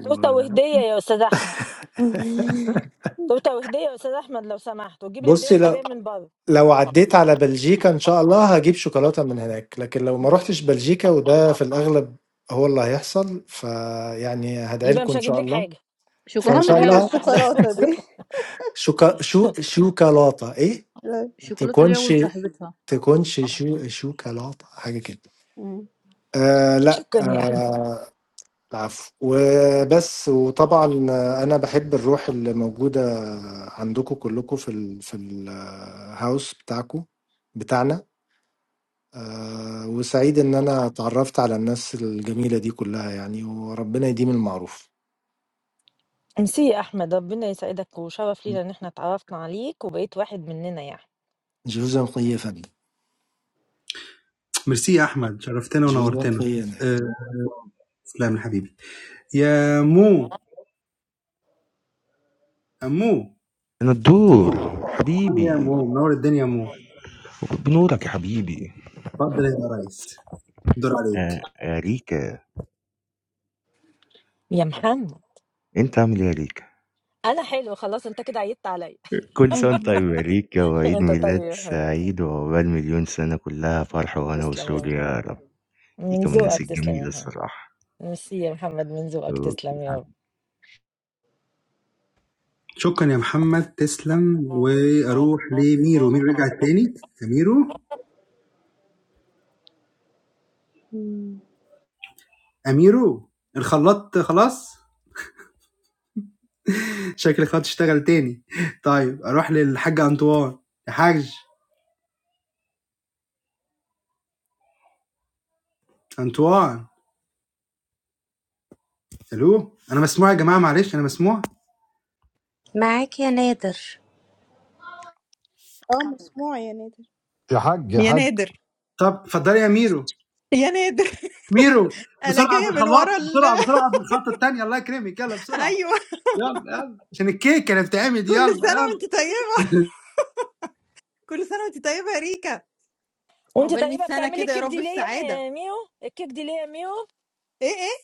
S1: توتة
S13: و
S1: وهدية يا استاذ احمد
S19: (laughs)
S1: توتة وهدية يا استاذ احمد لو سمحت وتجيب الهدية
S13: بُصّي
S1: وانت
S13: لو
S1: جاي من بره
S13: لو عدّيت على بلجيكا إن شاء الله هاجيب شوكولاتة من هناك، لكن لو ما رُحتش بلجيكا وده في الأغلب هو اللي هيحصل، فيعني هادعي
S1: يبقى
S13: لكم
S1: مش
S13: إن
S1: هجيب
S13: شاء
S1: لك
S13: الله،
S1: حاجة
S13: فإن
S6: شوكولاته
S19: أهم
S13: شاء
S6: ليها
S19: حاجة
S13: الله
S6: ولصاحبتها
S19: الشوكولاتة دي
S13: شوكا شو شوكالاتة إيه؟
S19: (laughs)
S6: شوكولاته ليها
S13: تكونش
S6: ولصاحبتها
S13: تكونش شو شوكالاتة حاجة كده
S19: مم.
S13: آآ لأ
S1: شكرا يا أحمد.
S13: آه، العفو وبس وطبعا انا بحب الروح اللي موجوده عندكم كلكم في ال في الهاوس بتاعكم بتاعنا آه، وسعيد ان انا اتعرفت على الناس الجميله دي كلها يعني وربنا يديم المعروف
S1: ميرسي يا أحمد ربنا يسعدك وشرف لينا إن إحنا اتعرفنا عليك وبقيت واحد مننا يعني
S13: جوزا خيا فندم
S2: ميرسي يا احمد شرفتنا
S13: جوزا
S2: ونورتنا
S13: خيا
S2: أه سلام حبيبي يا مو امو
S20: أنا الدور
S2: يا
S20: حبيبي
S2: مو منور الدنيا يا مو
S20: بنورك يا حبيبي
S2: اتفضل يا ريس الدور عليك
S20: آه، يا ريكا
S1: يا محمد
S20: أنت عامل إيه يا ريكا؟
S1: أنا حلو خلاص أنت كده عيدت عليا
S20: كل سنة وأنت طيب
S19: مم.
S20: يا ريكا
S1: (laughs)
S20: وعيد
S1: أنت طيب
S20: ميلاد
S1: يا محمد
S20: سعيد وعقبال مليون سنة كلها فرح وهنا
S1: تسلم يا
S20: وسرور يا رب
S1: محمد من
S20: ريكا من الناس
S1: ذوقك تسلم يا
S20: الجميلة
S1: محمد
S20: الصراحة
S1: ميرسي يا محمد من ذوقك تسلم
S20: أوكي.
S1: يا رب
S2: شكرا يا محمد تسلم واروح لميرو ميرو رجع تاني يا ميرو
S19: مم.
S2: اميرو الخلاط خلاص شكل الخلاط اشتغل تاني طيب اروح للحاج انطوان يا حاج انطوان الو انا مسموع يا جماعه معلش انا مسموع
S16: معاك يا نادر
S19: اه مسموع يا نادر
S8: يا حق يا
S21: يا
S8: حق
S21: نادر
S2: طب اتفضلي يا ميرو
S21: يا نادر
S2: ميرو
S21: انا
S2: بسرعه
S21: جايه من
S2: بالخلاط
S21: ورا ال...
S2: بسرعه بسرعه بالخطه الثانيه الله يكرمك يلا
S21: (laughs)
S2: بسرعه
S21: ايوه
S2: يلا يلا عشان الكيك اللي بتعمل يلا
S21: كل سنه
S2: يلا
S21: وانت طيبه كل سنه وانت طيبه يا ريكا
S1: وأنت
S21: عقبال 100
S1: تقريبا
S21: سنه
S1: بتعملي
S21: كده يا
S1: الكيك دي
S21: رب في
S1: ليا أنا
S21: سعاده
S1: يا ميو الكيك دي ليا يا ميو
S21: ايه ايه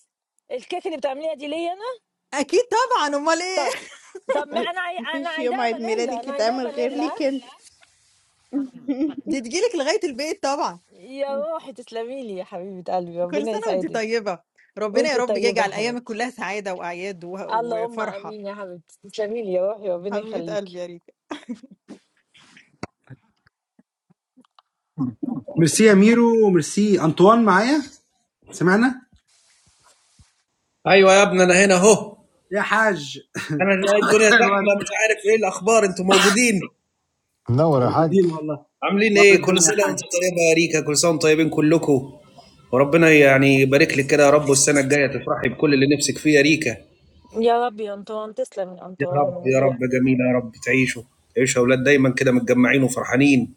S1: الكيك اللي بتعمليها دي ليا أنا
S21: اكيد طبعا امال
S1: طب
S21: ايه
S1: طب ما
S19: أي،
S1: أنا عاي... أنا
S19: مفيش يوم
S1: عايزاها
S19: عيد
S1: فانيلا
S19: ميلادك
S1: أنا عايزاها
S19: يتعمل غير
S1: فانيلا
S19: ليك
S1: ها؟
S19: انت
S21: دي تجيلك لغايه البيت طبعا
S1: يا روحي تسلمي لي يا حبيبة قلبي
S21: كل
S1: ربنا
S21: سنه وانت
S1: يسعدك
S21: طيبه ربنا يا
S1: وأنت
S21: رب
S1: طيبة يا
S21: يجعل ايامك
S1: حبيبتي
S21: كلها سعاده واعياد و...
S1: اللهم
S21: وفرحه
S1: امين يا حبيبتي تسلمي لي يا روحي ربنا
S21: حبيبه قلبي
S1: يخليكي
S21: يا ريكا
S2: ميرسي يا ميرو ميرسي انطوان معايا سمعنا
S22: ايوه يا ابني انا هنا اهو
S2: يا حاج
S22: انا لقيت الدنيا زحمه مش عارف ايه الاخبار انتوا موجودين
S8: منور يا
S2: موجودين
S8: حق
S2: والله
S22: عاملين
S2: نور
S22: ايه كل
S2: الدنيا يا
S22: سنه
S2: حاج
S22: وانتم طيبه يا ريكا كل سنه وانتم طيبين كلكم وربنا يعني يبارك لك كده يا رب والسنه الجايه تفرحي بكل اللي نفسك فيه يا ريكا
S1: يا رب يا انطوان تسلم يا
S22: يا
S1: انطوان
S22: رب
S1: من
S22: يا رب
S1: ذوقك
S22: جميله يا رب تعيشوا تعيشوا يا اولاد دايما كده متجمعين وفرحانين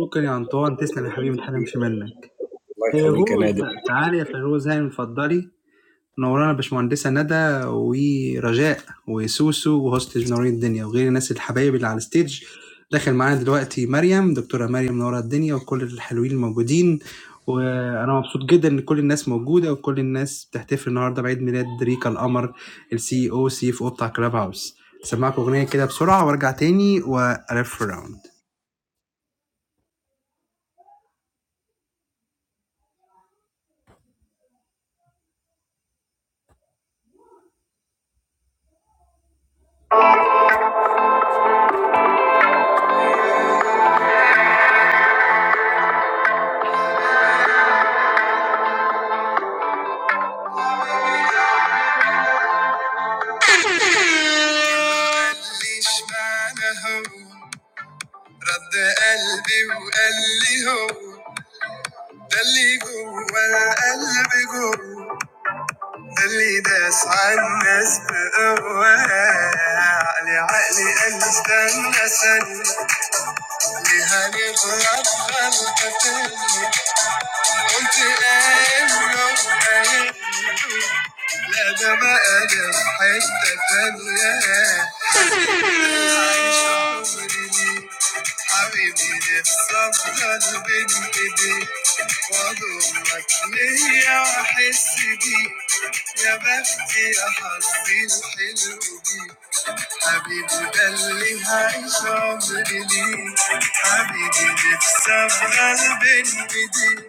S2: شكرا يا انطوان تسلم يا حبيبي ما حرمش منك
S22: الله يخليك يا
S2: فيروز
S22: نادر
S2: تعالي يا فيروز هاني من فضلي نورانا باشمهندسة ندى ورجاء وسوسو وهوستج منورين الدنيا وغير الناس الحبايب اللي على الستيج داخل معانا دلوقتي مريم دكتورة مريم منورة الدنيا وكل الحلوين الموجودين وانا مبسوط جدا ان كل الناس موجودة وكل الناس بتحتفل النهاردة بعيد ميلاد ريكا القمر السي او سي اف او بتاع كلاب هاوس سمعك اغنية كده بسرعة وارجع تاني والف راوند قاليش معنى هو رد قلبي وقال لي هو نفسك قلبي بايديك واضمك ليا واحس بيك يا بختي يا حظي الحلو بيك حبيبي ده اللي هعيش عمري ليك حبيبي نفسي ابقى بين ايديك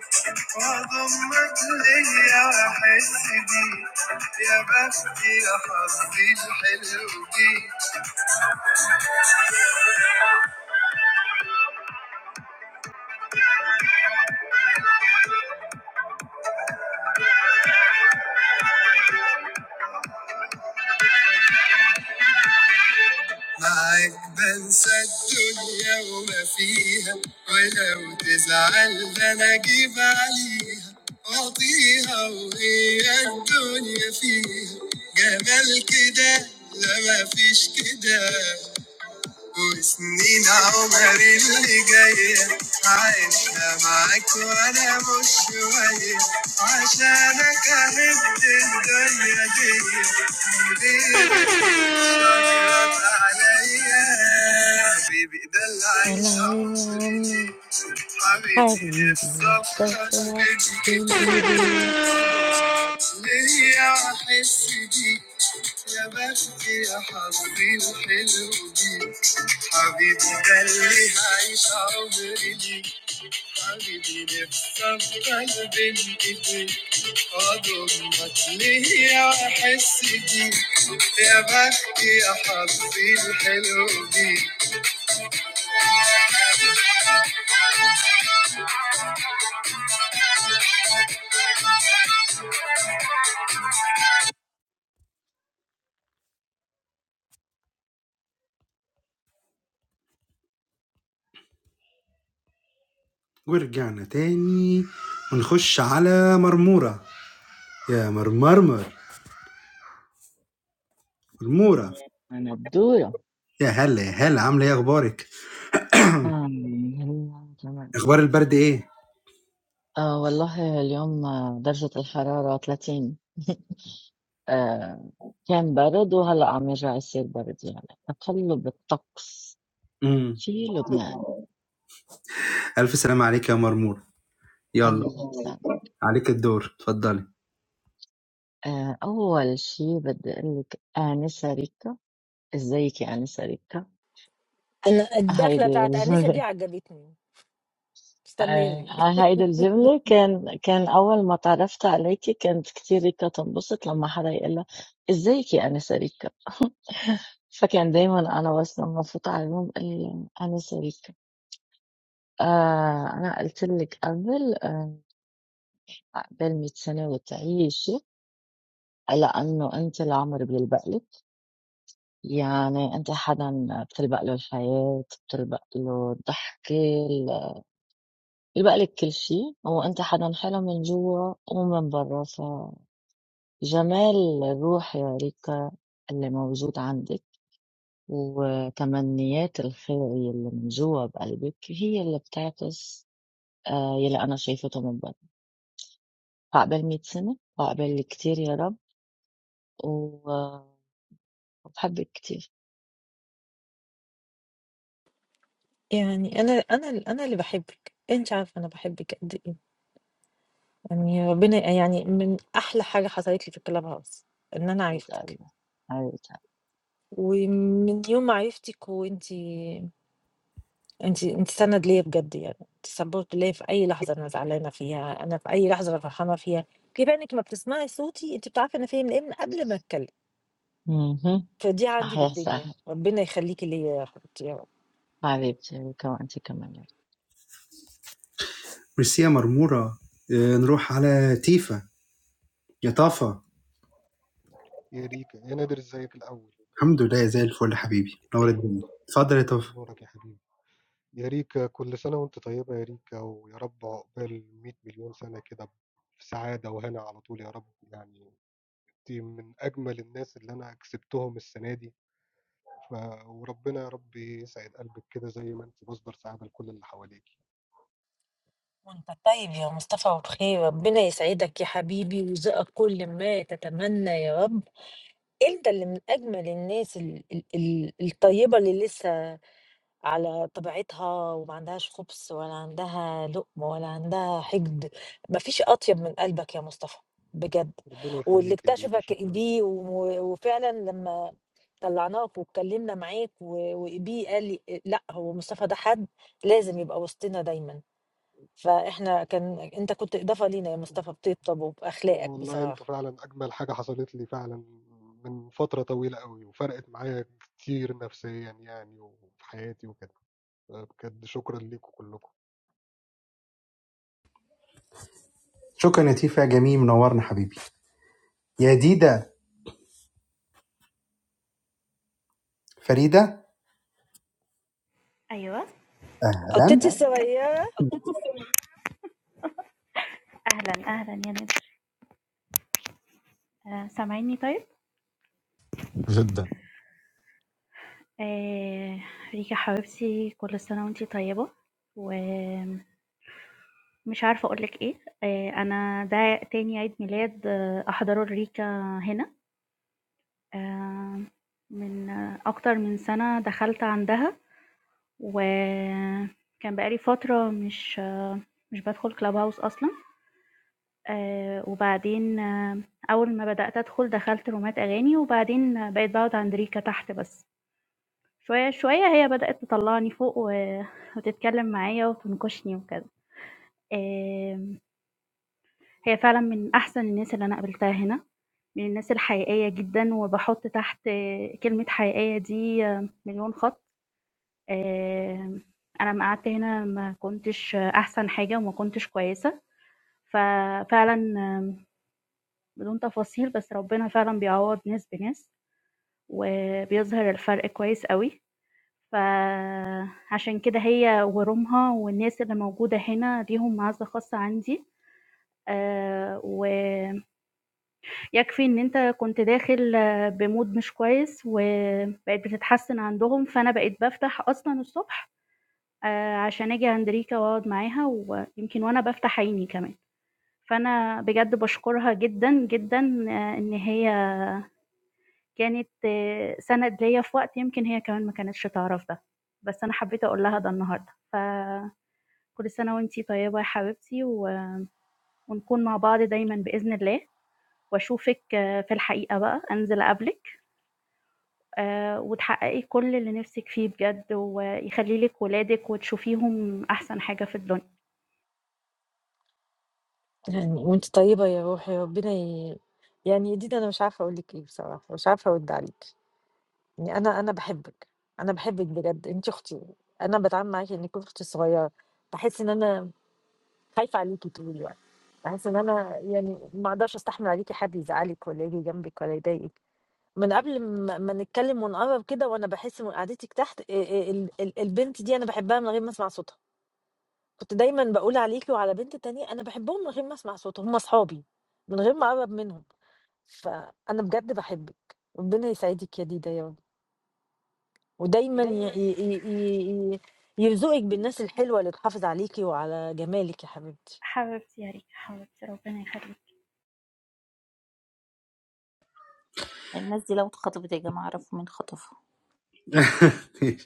S2: واضمك ليا واحس بيك يا بختي يا حظي الحلو بيك معاك بنسى الدنيا وما فيها ولو تزعل ده انا اجيب عليها واعطيها وهي الدنيا فيها جمال كده لا ما فيش كده Usni naomaril gaye, aishma akhara mushwaiye, aashana kahin de dilya gaye, dil rakhi shorat aleya. Abhi bilal hai
S1: انا عايزة
S2: saumari,
S1: عمي
S2: abhi
S1: حبيبي
S2: bilasaf
S1: مسافرة
S2: kahin
S1: بين
S2: gaye.
S1: ايدي
S2: عظمك ليا احس بيك يا بخت يا حظي الحلو بيك حبيبي ده اللي هعيش عمري ليك حبيبي نفسي افضل بين ايديك اضمك ليا واحس بيك يا بخت يا حظي الحلو بيك ورجعنا تاني ونخش على مرمورة يا مرمرمر مرمورة
S7: أنا بدورة
S2: يا هلا يا هلا عامله ايه اخبارك
S7: آم، هلا كمان
S2: اخبار البرد ايه
S7: آه والله اليوم آه، درجة الحرارة 30 (laughs) آه كان برد وهلا عم يرجع يصير برد يعني تقلب الطقس
S2: امم
S7: في لبنان
S2: الف سلامه عليك يا مرموره يلا
S7: الله يسلمك
S2: عليك الدور اتفضلي
S7: آه أول شي بدي أقول لك أنسة ريكا إزيك يا أنسة ريكا
S1: انا الدخله
S7: هيدي
S1: بتاعت انسه
S7: الجملة
S1: دي عجبتني استمري
S7: هايدا الجملة كان كان أول ما تعرفت عليكي كانت كتير ريكا تنبسط لما حدا يقلها إزيك يا أنسة ريكا فكان دايما أنا بس لما فوت على الروم قال أنسة ريكا آه أنا قلت لك قبل آه قبل 100 سنة وتعيشي لأنه أنت العمر بيلبق لك يعني أنت حدا بتلبق له الحياة بتلبق له الضحكة ال- بيلبق لك كل شيء وأنت حدا حلو من جوا ومن برا جمال الروح يا ريكا اللي موجود عندك وتمنيات الخير اللي من جوا بقلبك هي اللي بتعكس آه، يلي أنا شايفته من برا عقبال مية سنة وعقبال كتير يا رب و- آه، وبحبك كتير
S1: يعني انا انا انا اللي بحبك انت عارفة انا بحبك قد ايه يعني يا ربنا يعني من احلى حاجة حصلت لي في الكلاب هاوس ان انا
S7: عرفت
S1: عرفتك
S7: قلبي عرفت قلبي.
S1: ومن يوم ما عرفتك وانت أنتِ أنتِ سَند ليّا بجد يعني، أنتِ support ليّا في أي لحظة أنا زعلانة فيها، أنا في أي لحظة أنا فرحانة فيها، كفاية إنِّك ما بتسمعي صوتي أنتِ بتعرفي أنا فيّا من إيه من قبل ما أتكلم،
S7: مهم.
S1: فدي عندي
S7: صحيح
S1: بالدنيا،
S7: صحيح
S1: ربنا يخليكِ ليّا يا حبيبتي يا رب.
S7: حبيبتي ريكا وأنت كمان يا
S2: ميرسي يا مرموره اه نروح على تيفا يا طافا
S10: Yarika, I know the Zaka the first.
S2: الحمد لله زي الفل حبيبي نور الدنيا اتفضل يا طافا
S10: Bonjour, my dear. Yarika, every year you are nice, Yarika, and God bless you for a billion years like this. Happy and here on the whole, God, I mean, you are one of the most beautiful people I have accepted them this year. So, God, God, I pray
S1: وأنت طيب يا مصطفى وبخير، ربنا يسعدك يا حبيبي ويرزقك كل ما تتمنى يا رب، أنت اللي من أجمل الناس ال ال ال الطيبة اللي لسه على طبيعتها وما عندهاش خُبْص ولا عندها لُقْم ولا عندها حِقد، ما فيش أطيب من قلبك يا مصطفى، بجد.
S10: in your heart like this, always, and be happy for everyone around you. God, let me be,
S1: واللي
S10: Yarika. Thank you.
S1: اكتشفك إيديه و وفعلًا لمّا طلّعناك واتكلّمنا معاك و وإيديه قال لي أ لأ، هو مصطفى ده حد لازم يبقى وسطنا دايمًا، فإحنا كان أنت كنت إضافة لينا يا مصطفى بطيبتك
S10: And
S1: وبأخلاقك
S10: Allah, you
S1: بصراحة.
S10: are really the most beautiful thing that happened to me. Really, from a long time, and it changed me a lot mentally, I mean, in my life and so on. I'd like to thank all of you.
S2: شكرا يا تيفا يا جميل منورنا حبيبي يا ديدا فريده
S23: أيوه.
S1: قطتي
S2: اهلا
S23: أهلًا.
S1: الصغيرة
S23: أهلًا، أهلًا يا نادر. آآ سامعينّي طيب؟
S8: جدا
S23: آآ ريكا حبيبتي كل سنة وأنتِ طيبة، ومش عارفة أقول لِك إيه، آآ أنا ده تاني عيد ميلاد آه، أحضره لريكا هنا، آآ من آه، أكتر من سنة دخلت عندها، وكان بقى لي فترة مش آه، مش بادخل clubhouse أصلًا، آآ وبعدين آه، أول ما بدأت أدخل دخلت رومات أغاني، وبعدين بقيت باقعد عند ريكا تحت بس. شوية، شوية هي بدأت تطلّعني فوق و (laughs) وتتكلّم معايا وتنكشني وكده. آمم، هي فعلًا من أحسن الناس اللي أنا قابلتها هنا، من الناس الحقيقية جدًا وباحُط تحت آه، كلمة حقيقية دي آه، مليون خَط. آمم، أنا أمّا قعدت هنا ما كنتش آه، أحسن حاجة وما كنتش كويسة، ففعلًا آه، بدون تفاصيل بس ربنا فعلًا بيعوّض ناس بناس، وبيظهر الفرق كويس أوي. ف عشان كده هي ورُومها والناس اللي موجودة هنا ليهم معزة خاصة عندي، آآ ويكفي إن أنت كنت داخل بmood مش كويس وبقت بتتحسن عندهم، فأنا بقيت بافتح أصلًا الصبح آآ عشان آجي عند ريكا وأقعد معاها ويمكن وأنا بافتح عيني كمان، فأنا بجد باشكرها جدًا، جدًا آه، إن هي كانت آه، سَنَد ليّا في وقت يمكن هي كمان ما كانتش تعرف ده، بس أنا حبيت أقول لها ده النهارده ف كل سنة وأنتِ طيبة يا حبيبتي، و ونكون مع بعض دايمًا بإذن الله، وأشوفِك آه، في الحقيقة بقى، أنزل أقابلِك آآ، وتحققي كل اللي نِفْسِك فيه بجد، ويخلّي لِك ولادِك وتشوفيهم أحسن حاجة في الدنيا.
S1: يعني وأنتِ طيبة يا روحي، ربنا ي يعني يديد أنا مش عارفة أقول لِك إيه بصراحة، مش عارفة أرُد عليكِ. يعني أنا أنا باحبِك، أنا باحبِك بجد، أنتِ أختي، أنا باتعامل معاكِ إنِّك أختي الصغيّرة، باحس إن أنا خايفة عليكِ طول الوقت، باحس إن أنا يعني ما أقدرش أستحمل عليكِ حد يزعّلِك والّا ييجي جنبِك والّا يضايقِك، من قبل ما ما نتكلّم ونقرّب كده وأنا باحس من قعدتِك تحت آآ آآ ال ال البنت دي أنا باحبها من غير ما أسمع صوتها، كنت دايمًا باقول عليكِ وعلى بنت تانية أنا باحبهم من غير ما أسمع صوتهم، هُم أصحابي من غير ما أقرّب منهم، فأنا بجد باحبِك، ربنا يسعدِك يا ديدا يا رب. ودايما
S23: دايمًا
S1: ي- ي- ي- ي- يرزقك بالناس الحلوة اللي تحافظ عليكي وعلى جمالك يا حبيبتي
S23: حبيبتي يا ريما، حبيبتي ربنا يخليكِ.
S6: الناس دي لو اتخطفت يا جماعه عرفوا مين خطفها
S2: (laughs)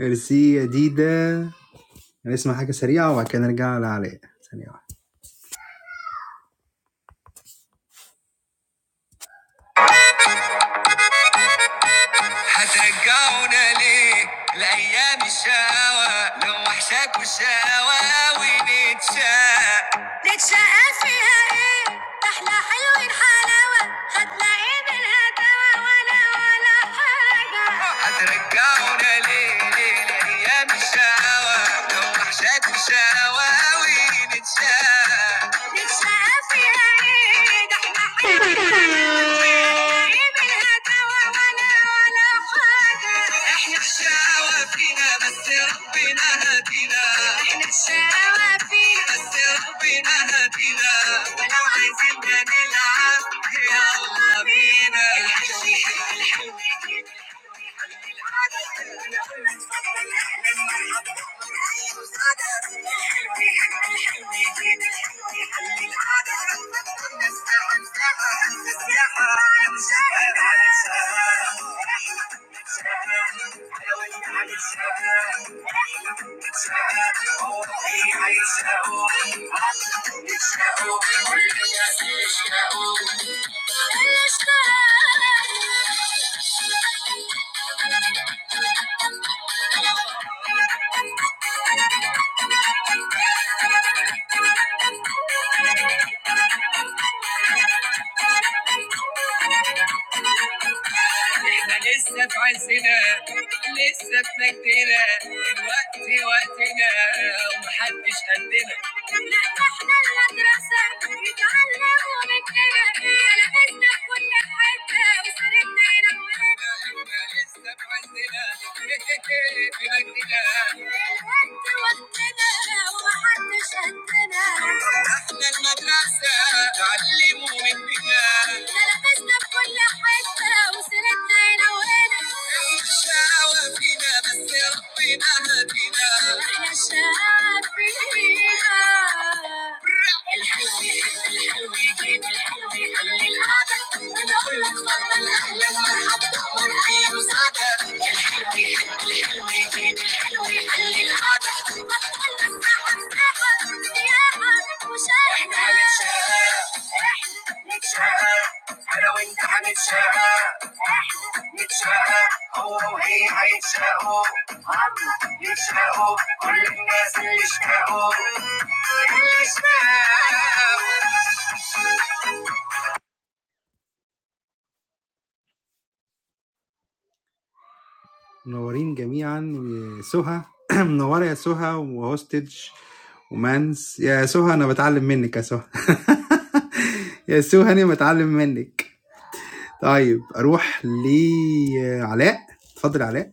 S2: ميرسي يا ديدا هنسمع حاجه سريعه وبعد كده نرجع لعلاء ثانيه واحده الايام شاوى لو وحشاك وشاوى ونتشاق احلى حلوين حلاوه انا ولا حاجه هترجعني الايام شاوى لو وحشاك وشاوى نتشاق احنا شافينا بس ربنا هدينا احنا شاوى فينا بس ربنا هدينا ولو عايزين نلعب يلا بينا I'm Thank you. لسه في مجدنا الوقت وقتنا ومحدش قدنا لا احنا المدرسة اتعلموا مننا لمسنا في كل حتة وسردنا هنا وهنا انت وقتنا ومحدش قدنا احنا المدرسة اتعلموا مننا تلبسنا في كل حتة وسيرتنا هنا وهنا الشقاوة فينا بس ربنا هدينا احنا الشقاوة فينا الحلو يحب الحلو يجيب الحلو يخلي القعدة انا اقول لك اتفضل اهلا مرحبا امر اي مساعدة لو انت هنتشاقى نتشاقى هو وهي هيتشاقوا هم يتشاقوا كل الناس اللي اشتاقوا اللي اشتاقوا منورين جميعا وسهى (clears throat) منورة يا سهى وهوستج ومانس يا سهى أنا بتعلم منك يا سهى (laughs) (applause) يا سهى أنا بتعلم منك طيب أروح لعلاء، اتفضل يا علاء.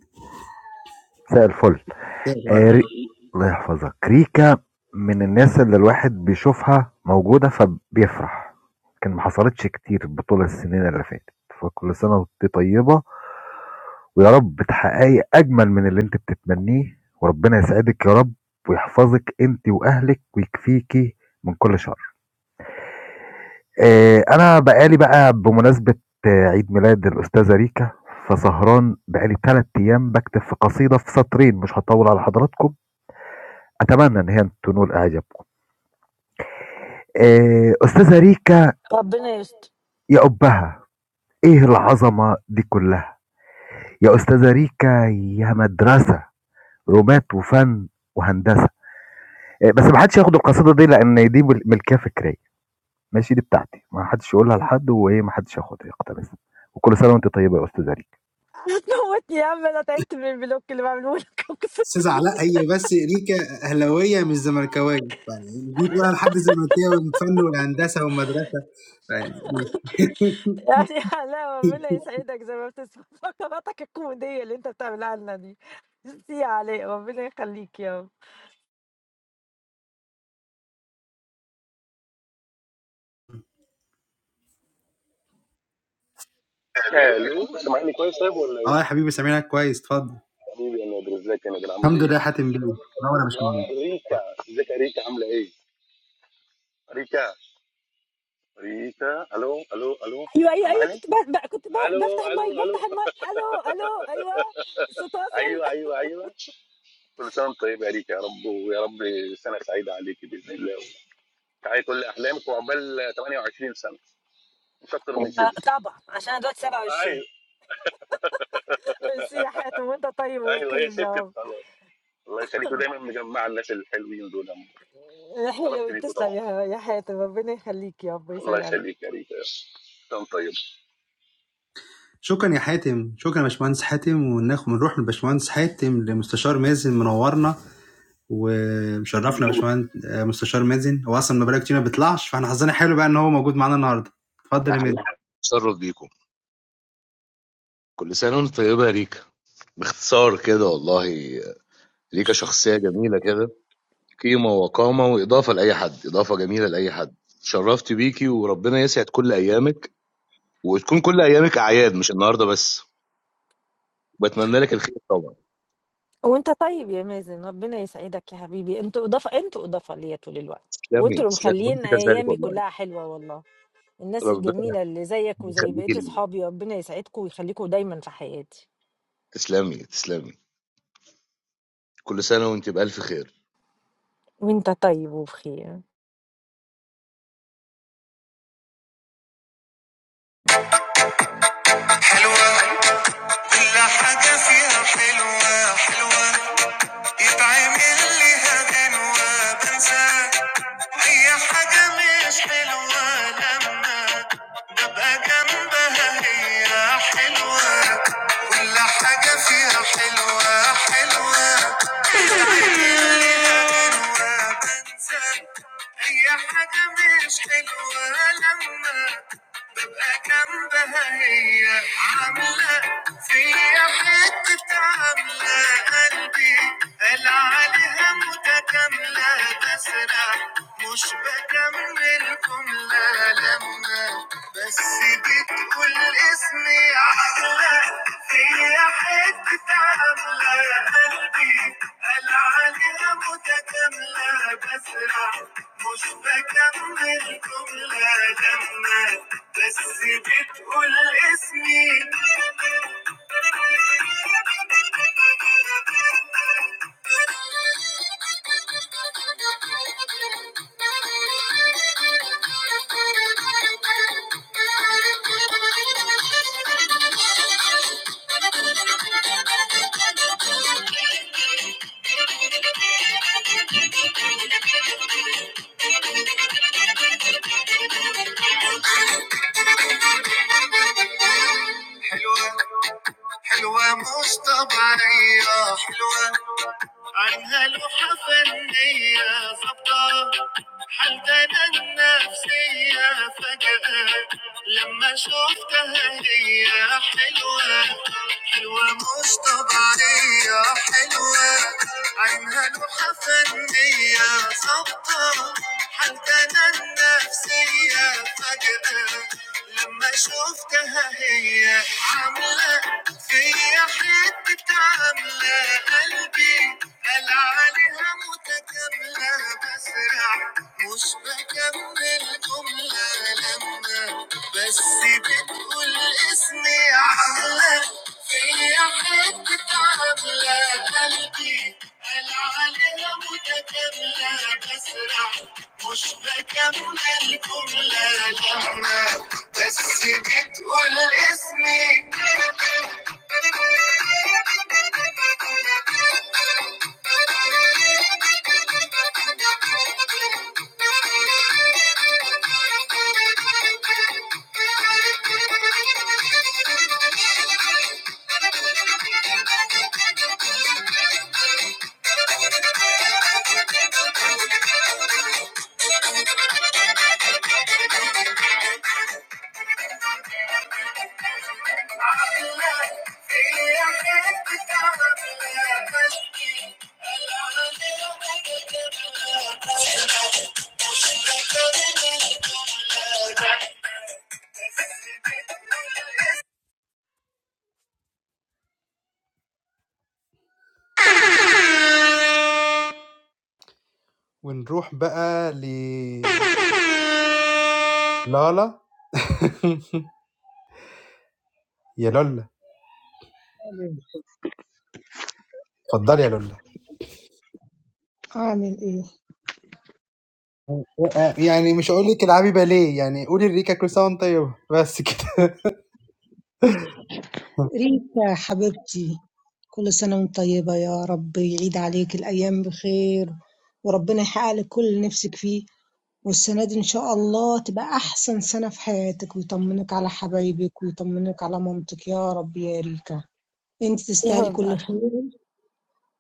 S24: مساء الفل آه ري... الله يحفظك ريكا من الناس اللي الواحد بيشوفها موجودة فبيفرح لكن ما حصلتش كتير بطول السنين اللي فاتت فكل سنة وانت طيبة ويا رب تحققي أجمل من اللي انت بتتمنيه وربنا يسعدك يا رب ويحفظك انت وأهلك ويكفيكي من كل شر آه أنا بقالي بقى بمناسبة آه، عيد ميلاد الأستاذة ريكا فسهران بقالي تلات أيام بكتب في قصيدة في سطرين مش هطول على حضراتكم أتمنى إن هي تنول إعجابكم آه، أستاذة ريكا
S1: ربنا يستر
S24: يا أبها إيه العظمة دي كلها يا أستاذة ريكا يا مدرسة رومات وفن وهندسة آه، بس ما حدش ياخد القصيدة دي لأن دي مل- ملكية فكرية ماشي دي بتاعتي ما حدش يقولها لحد وإيه ما حدش ياخدها يقتبسها وكل سنة وأنت طيبة يا أستاذة ريكا
S1: (laughs) هتموتني يا عم انا تعبت من البلوك اللي بعمله لك (laughs) أقسم.
S2: أستاذ علاء هي بس ريكا أهلاوية مش زملكاوية، يعني دي بقى لحد زملكاوي من الفن والهندسة والمدرسة يعني
S1: يعني لا
S2: (laughs)
S1: ربنا يسعدك زي ما بتسمع فقراتك الكوميديه اللي انت بتعملها لنا دي ميرسي يا علاء ربنا يخليك يا رب
S12: came in. Hello. Is this my friend? Yes.
S2: اه يا حبيبي سامعينك كويس اتفضل.
S12: I'm calling to ask
S2: الحمد لله يا حاتم بيه، منور يا باشمهندس.
S12: you something. America. What is America like? America. America. Hello. Hello. Hello. Is
S1: ايوه ايوه
S12: this my
S1: ايوه
S12: friend?
S1: كنت ب... ب... كنت ب...
S12: Hello.
S1: بفتح
S12: Hello.
S1: المايك
S12: Hello.
S1: بفتح المايك الو الو ايوه صوت
S12: Yes.
S1: واصل
S12: Yes. Yes. I'm calling from America. Lord, Lord, may your birthday be happy. May you be happy. I'm calling to ask you about 28
S1: (laughs) آه،
S12: years.
S1: طبعا عشان أنا دلوقتي
S12: How old
S1: 27 ميرسي يا حاتم (laughs) وانت طيب
S12: are you?
S1: وبخير
S12: Yes. Yes.
S1: يا
S12: Yes.
S1: رب
S12: I'm 28 years old. I'm calling to ask
S1: يا
S12: you about
S1: حلوة،
S12: 28 years.
S1: تسلم يا يا حاتم ربنا يخليك يا رب ويسعد
S12: Allah shall
S1: قلبك.
S12: be karite. Come, Tayyib.
S2: شكرا يا حاتم، شكرا يا باشمهندس حاتم وناخد ونروح من باشمهندس حاتم لمستشار مازن منورنا ومشرفنا يا باشمهندس آه، مستشار مازن، هو أصلا ما بقاله كتير ما بيطلعش فاحنا حظنا حلو بقى إن هو موجود معانا النهارده. اتفضل يا مازن.
S14: honored to be with you. Every year, God bless you. In short, this is such a beautiful person. This is what he did and added to anyone. Added to anyone. I honored you and God bless you every day. And may every day be a feast, not just this one. I hope for your well-being.
S1: وانت طيب يا مازن ربنا يسعدك يا حبيبي انتوا اضافه انتوا اضافه ليا طول الوقت وانتوا اللي
S14: Bless you. I hope
S1: مخليين ايامي كلها حلوه والله الناس
S14: for you. God
S1: الجميله اللي زيك وزي
S14: bless
S1: بقيه
S14: you.
S1: اصحابي ربنا يسعدكم ويخليكم دايما في حياتي
S14: تسلمي، تسلمي. كل سنة وأنتِ بألف خير.
S1: وانت طيب وبخير
S2: حلوة كل حاجة فيها حلوة حلوة يتعمل ليها غنوة بنساك أي حاجة مش حلوة لما أبقى جنبها هي حلوة كل حاجة فيها حلوة حلوة انسان هي حاجة مش حلوة لما ببقى جنبها هي عاملة فيا حتة عاملة قلبي قال عليها متكاملة بسرع مش بكمل جملة لما بس بتقول اسمي عاملة فيا حتة عاملة قلبي قال على متكاملة بسرع مش بكمل جملة لما بس بتقول اسمي حلوة حلوة مش طبيعية حلوة عنها لوحة فنية ظبطة حالتنا النفسية فجأة لما شفتها هي حلوة حلوة مش طبيعية حلوة عينها لوحة فنية ظابطة حالتنا النفسية فجأة لما شفتها هي عاملة فيا حتة ست عاملة قلبي قال عليها متكاملة بسرع مش بكمل جملة لما بس بتقول اسمي عاملة فيا حتة عاملة قلبي قال عليها متكاملة بسرع مش بكمل جملة لما بس بتقول اسمي ونروح بقى ل لالا يا للا اتفضلي يا لولا
S15: أعمل إيه؟
S2: يعني مش هقول لك العبي باليه يعني قولي الريكا كريسانتيم بس كده
S15: ريتا حبيبتي كل سنة وأنت طيبة يا رب يعيد عليك الأيام بخير وربنا يحقق لك كل اللي نفسك فيه والسنة دي إن شاء الله تبقى أحسن سنة في حياتك ويطمنك على حبايبك ويطمنك على مامتك يا رب يا ريتا أنت
S1: يا
S15: تستاهلي
S1: رب
S15: كل
S1: الله
S15: خير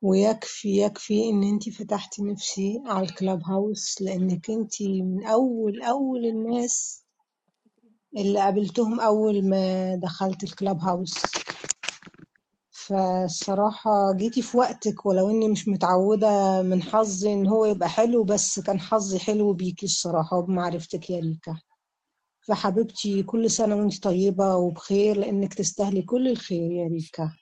S15: ويكفي يكفي إن أنت فتحتي نفسي على الكلاب هاوس لأنك أنت من أول أول الناس اللي قابلتهم أول ما دخلت الكلاب هاوس، فالصراحة جيتِ في وقتِك ولو إني مش متعودة من حظي إن هو يبقى حلو، بس كان حظي حلو بيكِ الصراحة وبمعرفتِك يا ريكا، فحبيبتي كل سنة وأنتِ طيبة وبخير لإنِك تستاهلي كل الخير يا ريكا،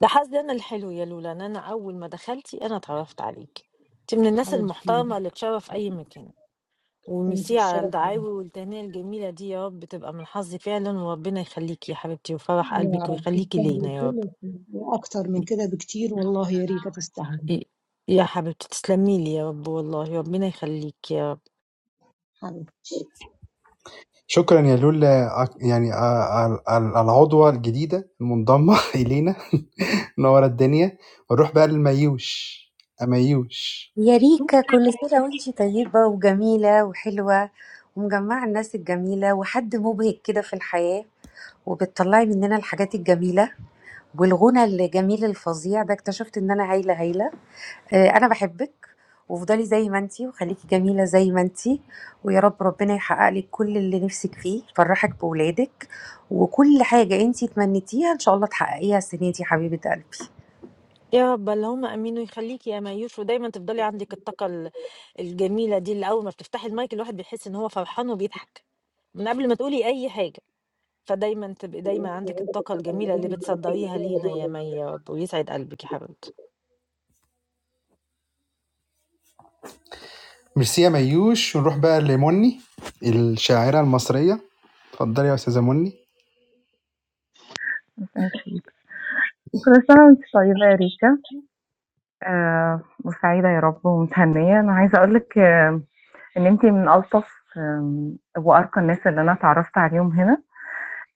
S1: ده حظي انا الحلو يا لولا ان انا اول ما دخلتي انا اتعرفت عليك انت من الناس
S15: حبيبتي
S1: المحترمه اللي تشرف اي مكان
S15: أنتِ
S1: وميرسي على
S15: الشرف ليّا،
S1: الدعاوي والتهنئة الجميلة دي يا رب تبقى من حظي فعلا وربنا يخليكي يا حبيبتي وفرح
S15: يا
S1: قلبك
S15: رب
S1: ويخليكي لينا
S15: تستاهلي
S1: يا
S15: كل
S1: رب
S15: الخير وأكتر من كده بكتير والله يا ريكا تستاهلي،
S1: ي- يا حبيبتي تسلمي لي يا رب والله ربنا يخليكي يا رب
S15: حبيبتي.
S2: (laughs) شكرا يا لولا أك- يعني آه، ال- ال- العضوة الجديدة المنضمة (laughs) إلينا نور الدنيا ونروح بقى لميوش أميوش
S16: يا ريكا كل سنة وانتي طيبة وجميلة وحلوة ومجمعة الناس الجميلة وحد مبهج كده في الحياة وبتطلعي مننا الحاجات الجميلة والغنى الجميل الفظيع ده اكتشفت ان انا هايلة هايلة آه، انا بحبك وافضلي زي ما انتي وخليكي جميله زي ما انتي ويا رب ربنا يحقق لك كل اللي نفسك فيه يفرحك بولادك وكل حاجه انتي تمنيتيها ان شاء الله تحققيها السنه دي حبيبه قلبي
S1: يا رب اللهم امين ويخليكي يا مايوش ودايما تفضلي عندك الطاقة ال- الجميلة دي اللي اول ما بتفتحي المايك الواحد بيحس ان هو فرحان وبيضحك من قبل ما تقولي اي حاجة فدايما تبقي دايما عندك الطاقة الجميلة اللي بتصدريها لينا يا مي يا رب ويسعد قلبك يا حبيبتي
S2: ميرسي يا ميوش ونروح بقى لمني الشاعرة المصرية اتفضلي يا أستاذة مني
S25: أكيد. كل سنة وأنتِ طيبة يا ريتا آآ وسعيدة يا رب ومتهنية، أنا عايزة أقول لِك إن أنتِ من ألطف آمم وأرقى الناس اللي أنا اتعرّفت عليهم هنا،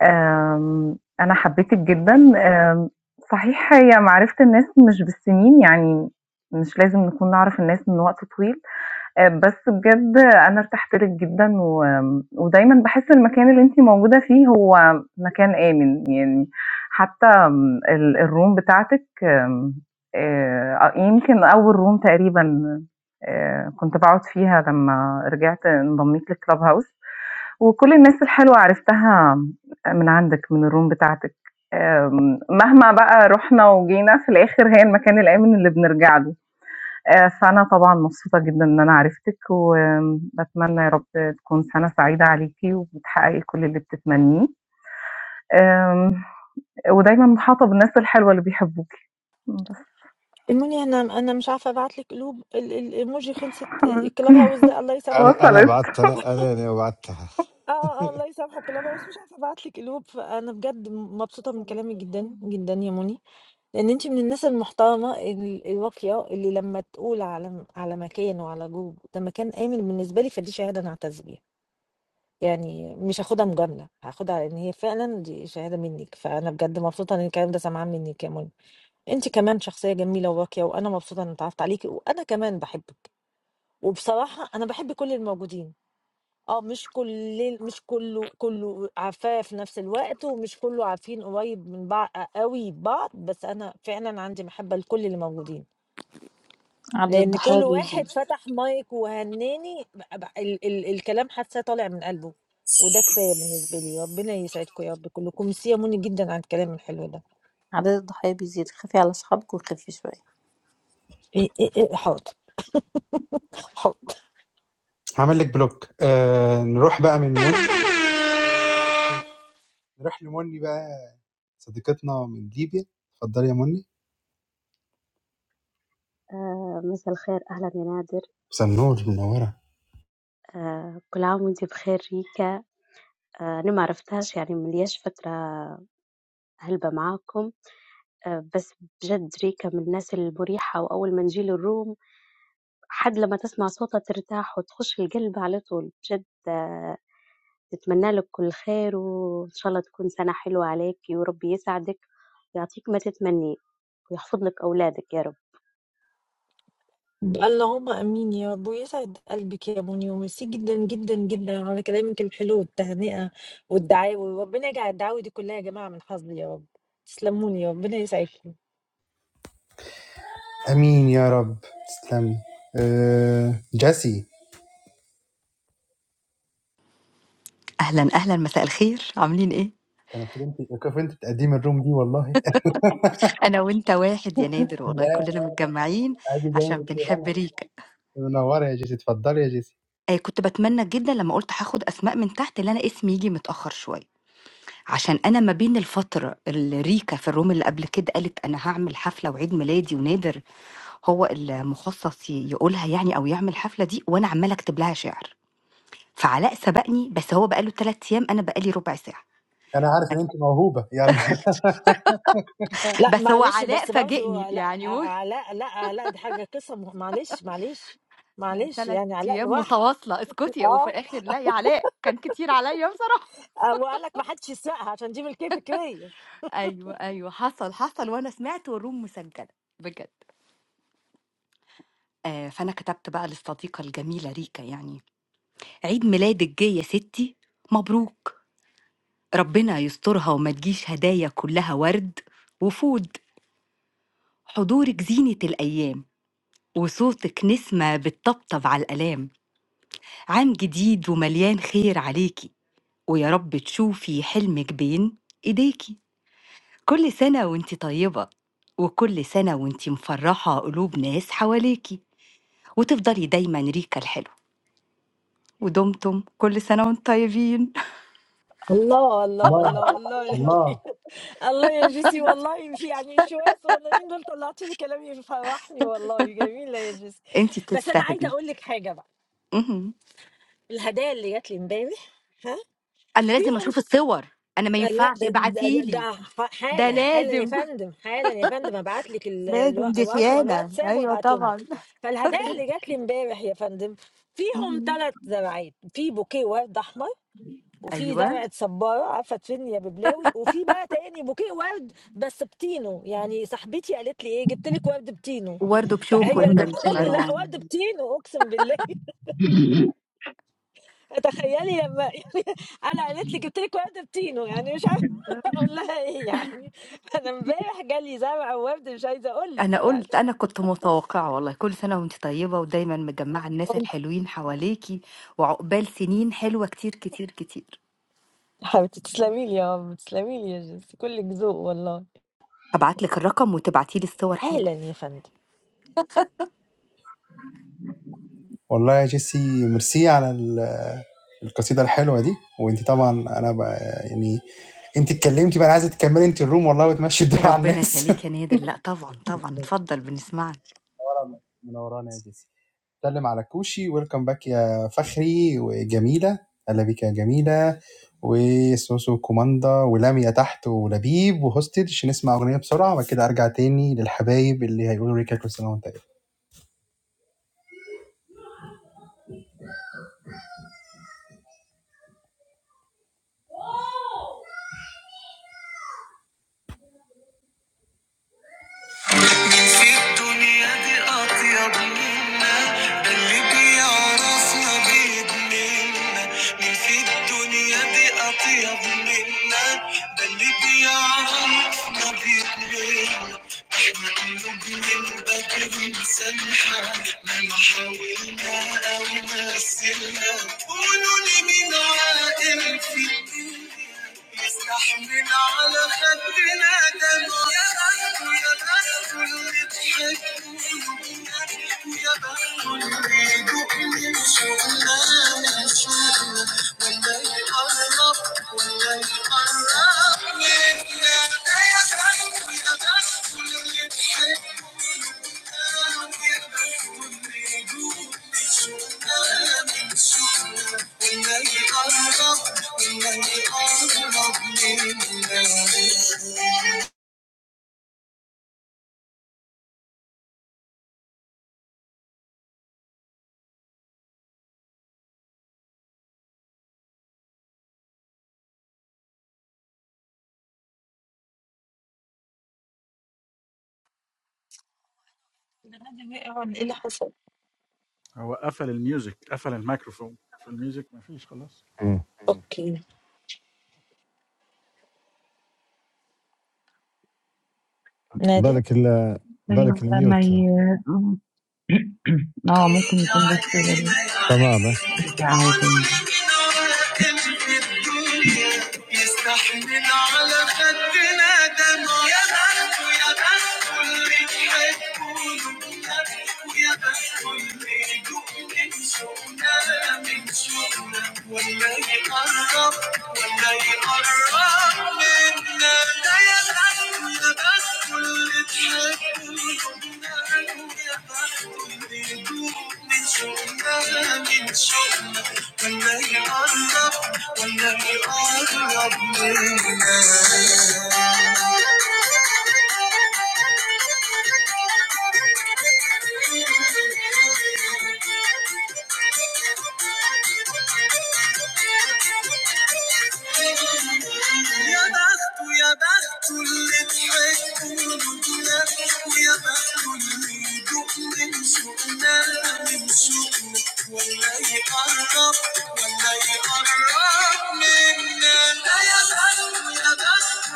S25: آمم أنا حبيتِك جدًا، آمم صحيح هي معرفة الناس مش بالسنين، يعني مش لازم نكون نعرف الناس من وقت طويل، آآ بس بجد أنا ارتحت لِك جدًا و ودايمًا باحس المكان اللي أنتِ موجودة فيه هو مكان آمن، يعني حتى آمم ال الroom بتاعتِك آمم آآ يمكن أول room تقريبًا آآ كنت باقعد فيها لمّا رجعت انضميت لclubhouse وكل الناس الحلوة عرفتها من عندِك، من الroom بتاعتِك، آمم مهما بقى رُحنا وجينا في الآخر هي المكان الآمن اللي بنرجع له. آآ فأنا طبعًا مبسوطة جدًا إن أنا عرفتِك، وباتمنى يا رب تكون سَنة سعيدة عليكِ وبتحققي كل اللي بتتمنيه، آآ ودايمًا محاطة بالناس الحلوة اللي بيحبوكِ. بس
S1: الموني انا انا مش عارفه ابعت لك قلوب ال- ال- الايموجي خلصت
S25: حبيبتي
S1: الكلاب هاوس ده
S25: (laughs)
S1: الله يسامحه
S8: انا انا
S25: وصلِت.
S8: بعت انا
S1: (laughs)
S8: انا أنا بعتها
S1: اه اه الله يسامحه كلاب هاوس مش عارفه ابعت لك قلوب فانا بجد مبسوطه من
S25: وصلِت
S1: كلامك
S25: والله.
S1: جدا جدا يا موني لان انت من الناس المحترمه ال- الواقيه اللي لما تقول على على مكان وعلى جوج ده مكان امن بالنسبه لي فدي شهاده انا اعتز بيها يعني مش هاخدها مجامله هاخدها على ان هي فعلا دي شهاده منك فانا بجد مبسوطه ان الكلام ده سامعاه منك يا موني انت كمان شخصيه جميله وراقيه وانا مبسوطه ان اتعرفت عليكي وانا كمان بحبك وبصراحة أنا باحب كل الموجودين، آه مش كل مش كله كله عارفاه في نفس الوقت، ومش كله عارفين قريب من بع أوي بعض، بس أنا فعلًا عندي محبة لكل اللي موجودين،
S6: عدد
S1: لأن
S6: الضحايا
S1: كل واحد
S6: بيزيد
S1: فتح مايك وهنّاني ب ب ال ال الكلام حاساه طالع من قلبه، وده كفاية بالنسبة لي، ربنا يسعدكم يا رب كلكم، ميرسي يا موني جدًا على الكلام الحلو ده.
S6: عدد الضحايا بيزيد خافي على اصحابك وخفي شويه
S1: آآ آآ آآ حاضر، حاضر.
S2: عمل لك بلوك آه نروح بقى من مني نروح لمني بقى صديقتنا من ليبيا اتفضلي يا مني
S26: آه، مساء الخير أهلا يا نادر
S2: سنور منورة
S26: آه، كل عام وانت بخير ريكا آه، أنا ما عرفتهاش يعني من ليش فترة هلبة معاكم آه، بس بجد ريكا من الناس المريحة وأول ما نجي للروم حد لما تسمع صوتها ترتاح وتخش القلب على طول بجد آه، نتمنى لك كل خير وإن شاء الله تكون سنة حلوة عليك وربي يسعدك ويعطيك ما تتمنيه ويحفظ لك أولادك يا رب
S1: بقى اللهم امين يا رب ويسعد قلبك يا بني وميرسي جدا جدا جدا على كلامك الحلو والتهنئه والدعاوي وربنا يجعل الدعاوي دي كلها يا جماعه من حظي يا رب تسلموني يا ربنا يسعدكم
S2: امين يا رب تسلمي أه جيسي
S27: اهلا اهلا مساء الخير عاملين ايه
S2: كان المفروض انت المفروض انت تقدمي الروم دي والله
S27: انا وانت واحد يا نادر
S2: (laughs)
S27: والله
S2: لا
S27: كلنا متجمعين
S2: عادي
S27: عشان
S2: جامد
S27: بنحب ريكا آه كنت بتمنى جدا لما قلت هاخد اسماء من تحت اللي انا اسمي يجي متاخر شويه عشان انا ما بين الفتره اللي ريكا في الروم اللي قبل كده قالت انا هعمل حفله وعيد ميلادي ونادر هو المخصص ي- يقولها يعني او يعمل الحفله دي وانا عماله اكتب لها شعر فعلاء سبقني بس هو بقاله ثلاث ايام انا بقالي ربع ساعه
S1: لا
S27: بس هو
S1: معلش
S27: علاء
S1: بس برضو
S27: فاجئني
S1: لا
S27: يعني (laughs)
S1: علاء لا علاء دي حاجه قصه معلش معلش
S27: ده
S1: معلش
S27: 3
S1: يعني علاء
S27: أيام
S1: لوحده
S27: متواصلة، اسكتي وفي
S1: اه
S27: الآخر لا يا علاء كان كتير عليّا بصراحة.
S1: آه، وقال لك ما حدش يسرقها عشان دي ملكيه فكريه
S27: أيوه، أيوه حصل، حصل وأنا سمعت والroom مسجلة بجد. آآ، فأنا كتبت بقى للصديقة الجميلة ريكا يعني، عيد ميلادِك جه يا ستي، مبروك، ربنا يسترها وما تجيش هدايا كلها ورد وفود، حضورِك زينة الأيام، وصوتِك نسمة بتطبطب على الآلام، عام جديد ومليان خير عليكِ، ويا رب تشوفي حلمِك بين إيديكِ. كل سنة وانتِ طيبة، وكل سنة وانتِ مفرّحة قلوب ناس حواليكِ، وتفضلي دايمًا ريكا الحلوة، ودمتم كل سنة وانتم طيبين، (laughs)
S1: الله الله الله الله (laughs) الله يا جيسي والله في يعني شوية صغننين دول طلعتي لي كلام يفرحني والله جميلة يا جيسي
S27: أنتِ
S1: بس أنا عايزة
S27: بتستاهلي.
S1: أقول لك حاجة بقى
S27: اهم.
S1: الهدايا اللي جات لي امبارح
S27: أنا لازم
S1: فيهم
S27: أشوف الصور، أنا ما
S1: آه، لا
S27: ينفعش
S1: ده, ده,
S27: ابعتي لي،
S1: ده
S27: ده
S1: حالا حالا يا
S27: لازم. (laughs)
S1: فندم حالا يا فندم ابعت لك ال- الوا- رقم الواتساب وابعتهم لك فالهدايا اللي جات لي امبارح يا فندم فيهم
S27: اهم.
S1: ثلاث زرعات في بوكيه ورد احمر وفي
S27: أيوه،
S1: زرعة صبارة عارفة تفيدني يا ببلاوي وفي بقى تاني بوكيه ورد بس بتينو يعني صاحبتي قالت لي ايه جبت لك ورد بتينو
S27: وورد بشوكو يا
S1: فهي
S3: وردة
S27: فندم.
S1: (laughs)
S3: بطين،
S27: (laughs)
S1: لا
S3: آه.
S1: ورد بتينو اقسم بالله تخيلي لما (laughs) يعني انا قالت لي جبت لك ورد بتينو يعني مش عارفه (laughs)
S27: أيوه.
S1: اقول لها ايه يعني انا امبارح جالي زرع وورد مش عايزه اقول
S27: أنا
S1: لك يعني
S27: قُلت، أنا كنت متوقعة والله، كل سنة وأنتِ طيبة ودايمًا مجمّعة
S1: (laughs)
S27: الناس
S1: وانت
S27: الحلوين حواليكِ، وعقبال سنين حلوة كتير، كتير، كتير.
S1: حبيبتي تسلمي لي يا رب تسلمي لي يا جيسي كلك ذوق والله
S27: هابعت لِك الرقم وتبعتي لي الصور حالا.
S1: حالا يا فندم
S2: والله يا جيسي ميرسي على ال- القصيده الحلوه دي وانت طبعا انا بقى يعني انت اتكلمتي بقى انا عايزه تكملي انت الروم والله وتمشي الدور على
S27: ربنا
S2: الناس
S27: يخلّيك يا نادر، لأ طبعًا، طبعًا، اتفضل بنسمعك.
S2: (laughs) من ورانا يا جيسي بنتكلم على كوشي ويلكم باك يا فخري وجميلة أهلا بيك يا جميلة وسوسو كوماندا ولاميا تحت ولبيب وهوستد عشان نسمع أغنية بسرعة وبعد كده أرجع تاني للحبايب اللي هيقولوا ريكا كل سنة وأنت إيه. مين في الدنيا دي أطيب منا ده اللي بيعرفنا بيدمنا مين في الدنيا دي أطيب منا ده اللي بيعرفنا بيدمنا احنا قلوبنا من بدر مسامحة مهما حاولنا أو مثلنا قولوا لي مين عاقل في الدنيا يستحمل على خدنا دم يا بخت يا بخت اللي تحبه يا بخت اللي يدوقني شغلانة شغلة ولا يقرب ولا يقرب منا يا بخت يا بخت اللي تحبه يا بخت اللي يدوقني شغلانة شغلة ولا
S1: ايه اللي حصل
S11: God. And you're fine. I turned off the music. I turned off the microphone. The music is not
S8: مم. (laughs)
S1: اوكي نادر
S8: بالك ال بالك
S3: أيوة لما ي...
S8: الميوت
S3: (clears throat) اه ممكن يكون بس
S2: يقرب
S8: تمام
S3: رجع هو
S2: ولكن راكن في
S3: تاني
S2: الدنيا يستحمل على خدنا دمع يا بخت يا بخت اللي يحبونه يا بخت اللي يدوق من شوقنا من شوقنا ولا يقرب ولا يقرب منا ده يا بخت يا بخت اللي تحبونه يا بخت من شوقنا من شوقنا Thank you. يا بخت يا بخت اللي ضحك ولدنا ويا بخت اللي يدوق من سوقنا من سوقنا ولا يقرب ولا يقرب منا لا يا بخت يا بخت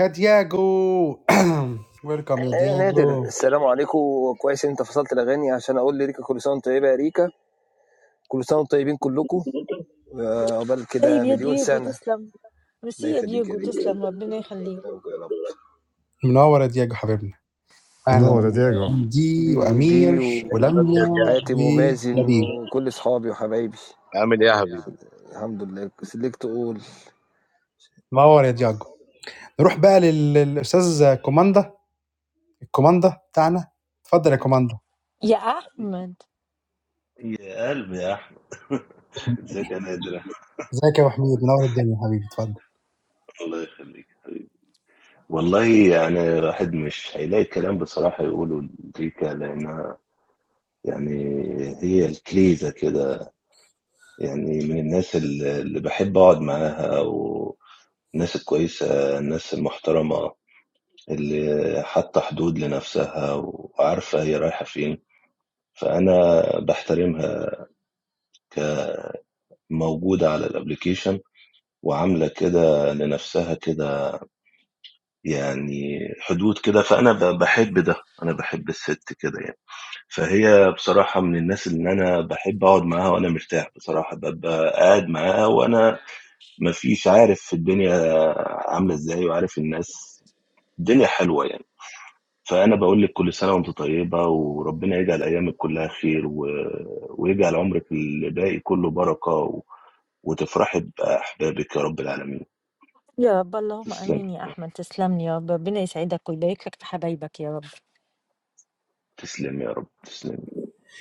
S2: يا دياجو (clears throat) ويلكم يا
S28: ايه يا نادر
S2: دياجو
S28: السلام عليكم كويس انت فصلت الاغاني عشان اقول لريكا كل سنه وانت طيبه يا ريكا كل سنه وانتم طيبين كلكم وعقبال
S1: طيب
S28: كده
S1: يا
S28: مليون
S1: دييغو
S28: سنه
S1: تسلم ميرسي
S28: الله
S1: يا
S28: يخليك يا
S1: دييغو
S28: ريكا
S1: تسلم ربنا يخليك
S28: يكرمك يا رب
S2: منور يا دياجو حبيبنا اهلا
S8: منور يا ديجو
S2: دي
S28: بي, بي
S2: وامير ولميا
S28: وحاتم ومازن
S2: ولبيب
S28: وكل اصحابي وحبايبي
S14: عامل إيه يا حبيبي؟
S28: الحمد لله سلكت اقول
S2: منور يا دياجو نروح بقى للاستاذ كوماندا كوماندا بتاعنا اتفضل يا كوماندا
S1: يا احمد
S29: يا قلبي يا احمد (laughs) ازيك يا نادر
S2: ازيك يا ابو حميد منور الدنيا حبيبي اتفضل
S29: الله يخليك حبيبي والله يعني الواحد مش هيلاقي كلام بصراحه يقوله لريكا لانها يعني هي الكليزه كده يعني من الناس اللي اللي بحب اقعد معاها والناس الكويسه الناس المحترمه اللي حاطه حدود لنفسها وعارفه هي رايحه فين فانا بحترمها موجوده على الابليكيشن وعامله كده لنفسها كده يعني حدود كده، فأنا ب باحب ده، أنا باحب الست كده يعني. فهي بصراحة من الناس اللي أنا باحب أقعد معاها وأنا مرتاح بصراحة، بابقى قاعد معاها وأنا ما فيش عارف في الدنيا عاملة إزاي وعارف الناس الدنيا حلوة يعني. فأنا باقول لِك كل سنة وأنتِ طيبة وربنا يجعل أيامِك كلّها خير و ويجعل عمرِك اللي باقي كلّه بركة و وتفرحي بأحبابِك يا رب العالمين.
S1: يا رب اللهم
S29: تسلمي،
S1: امين يا احمد تسلم لي يا رب ربنا يسعدك ويبارك لك في حبايبك يا رب
S29: تسلمي يا رب، تسلمي.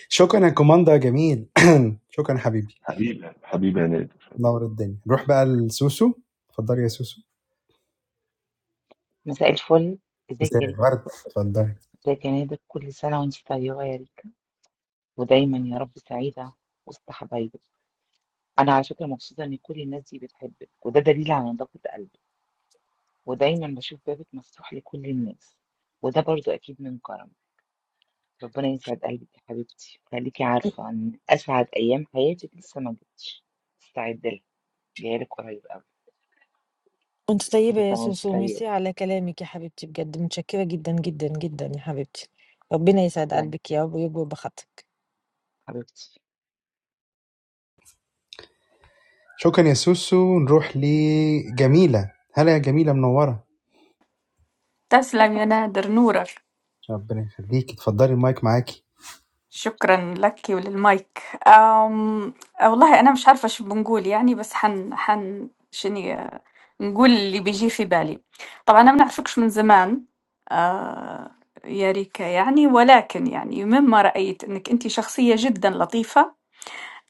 S2: شكرا يا كوماندا جميل (clears throat) شكرا حبيبي
S29: حبيبي، حبيبي يا ند
S2: منور الدنيا نروح بقى لسوسو اتفضلي يا سوسو
S30: مساء الفل ازيك
S2: مساء
S30: يا ريتا
S2: ورد
S30: كل-
S2: اتفضلي
S30: ازيك يا نادر كل سنة وانت طيبة يا ريتا ودايما يا رب سعيدة وسط حبايبك أنا على فكرة مبسوطة إن كل الناس دي بتحبك وده دليل على نظافة قلبك ودايما بشوف بابك مفتوح لكل الناس وده برضو أكيد من كرمك ربنا يسعد قلبك يا حبيبتي خليكي عارفة إن أسعد أيام حياتك لسه ما جتش استعدي لها جايلك قريب أوي
S1: انت طيبه
S30: كل
S1: يا
S30: سنة وانت
S1: سوسو
S30: طيبة
S1: ميرسي على كلامك يا حبيبتي بجد متشكره جدا جدا جدا يا حبيبتي ربنا يسعد
S30: يلا
S1: قلبك يا رب ويجبر بخاطرك
S30: حبيبتي
S2: شكرا يا سوسو نروح لجميلة هلا يا جميلة منورة
S31: تسلم يا نادر نورك
S2: ربنا يخليك اتفضلي المايك معاكي
S31: شكرا لك وللمايك أم والله أنا مش عارفة شو بنقول يعني بس حن حن شني آه، نقول اللي بيجي في بالي طبعا أنا ما بنعرفكش من زمان آه يا ريكا يعني ولكن يعني مما رأيت أنك أنت شخصية جدا لطيفة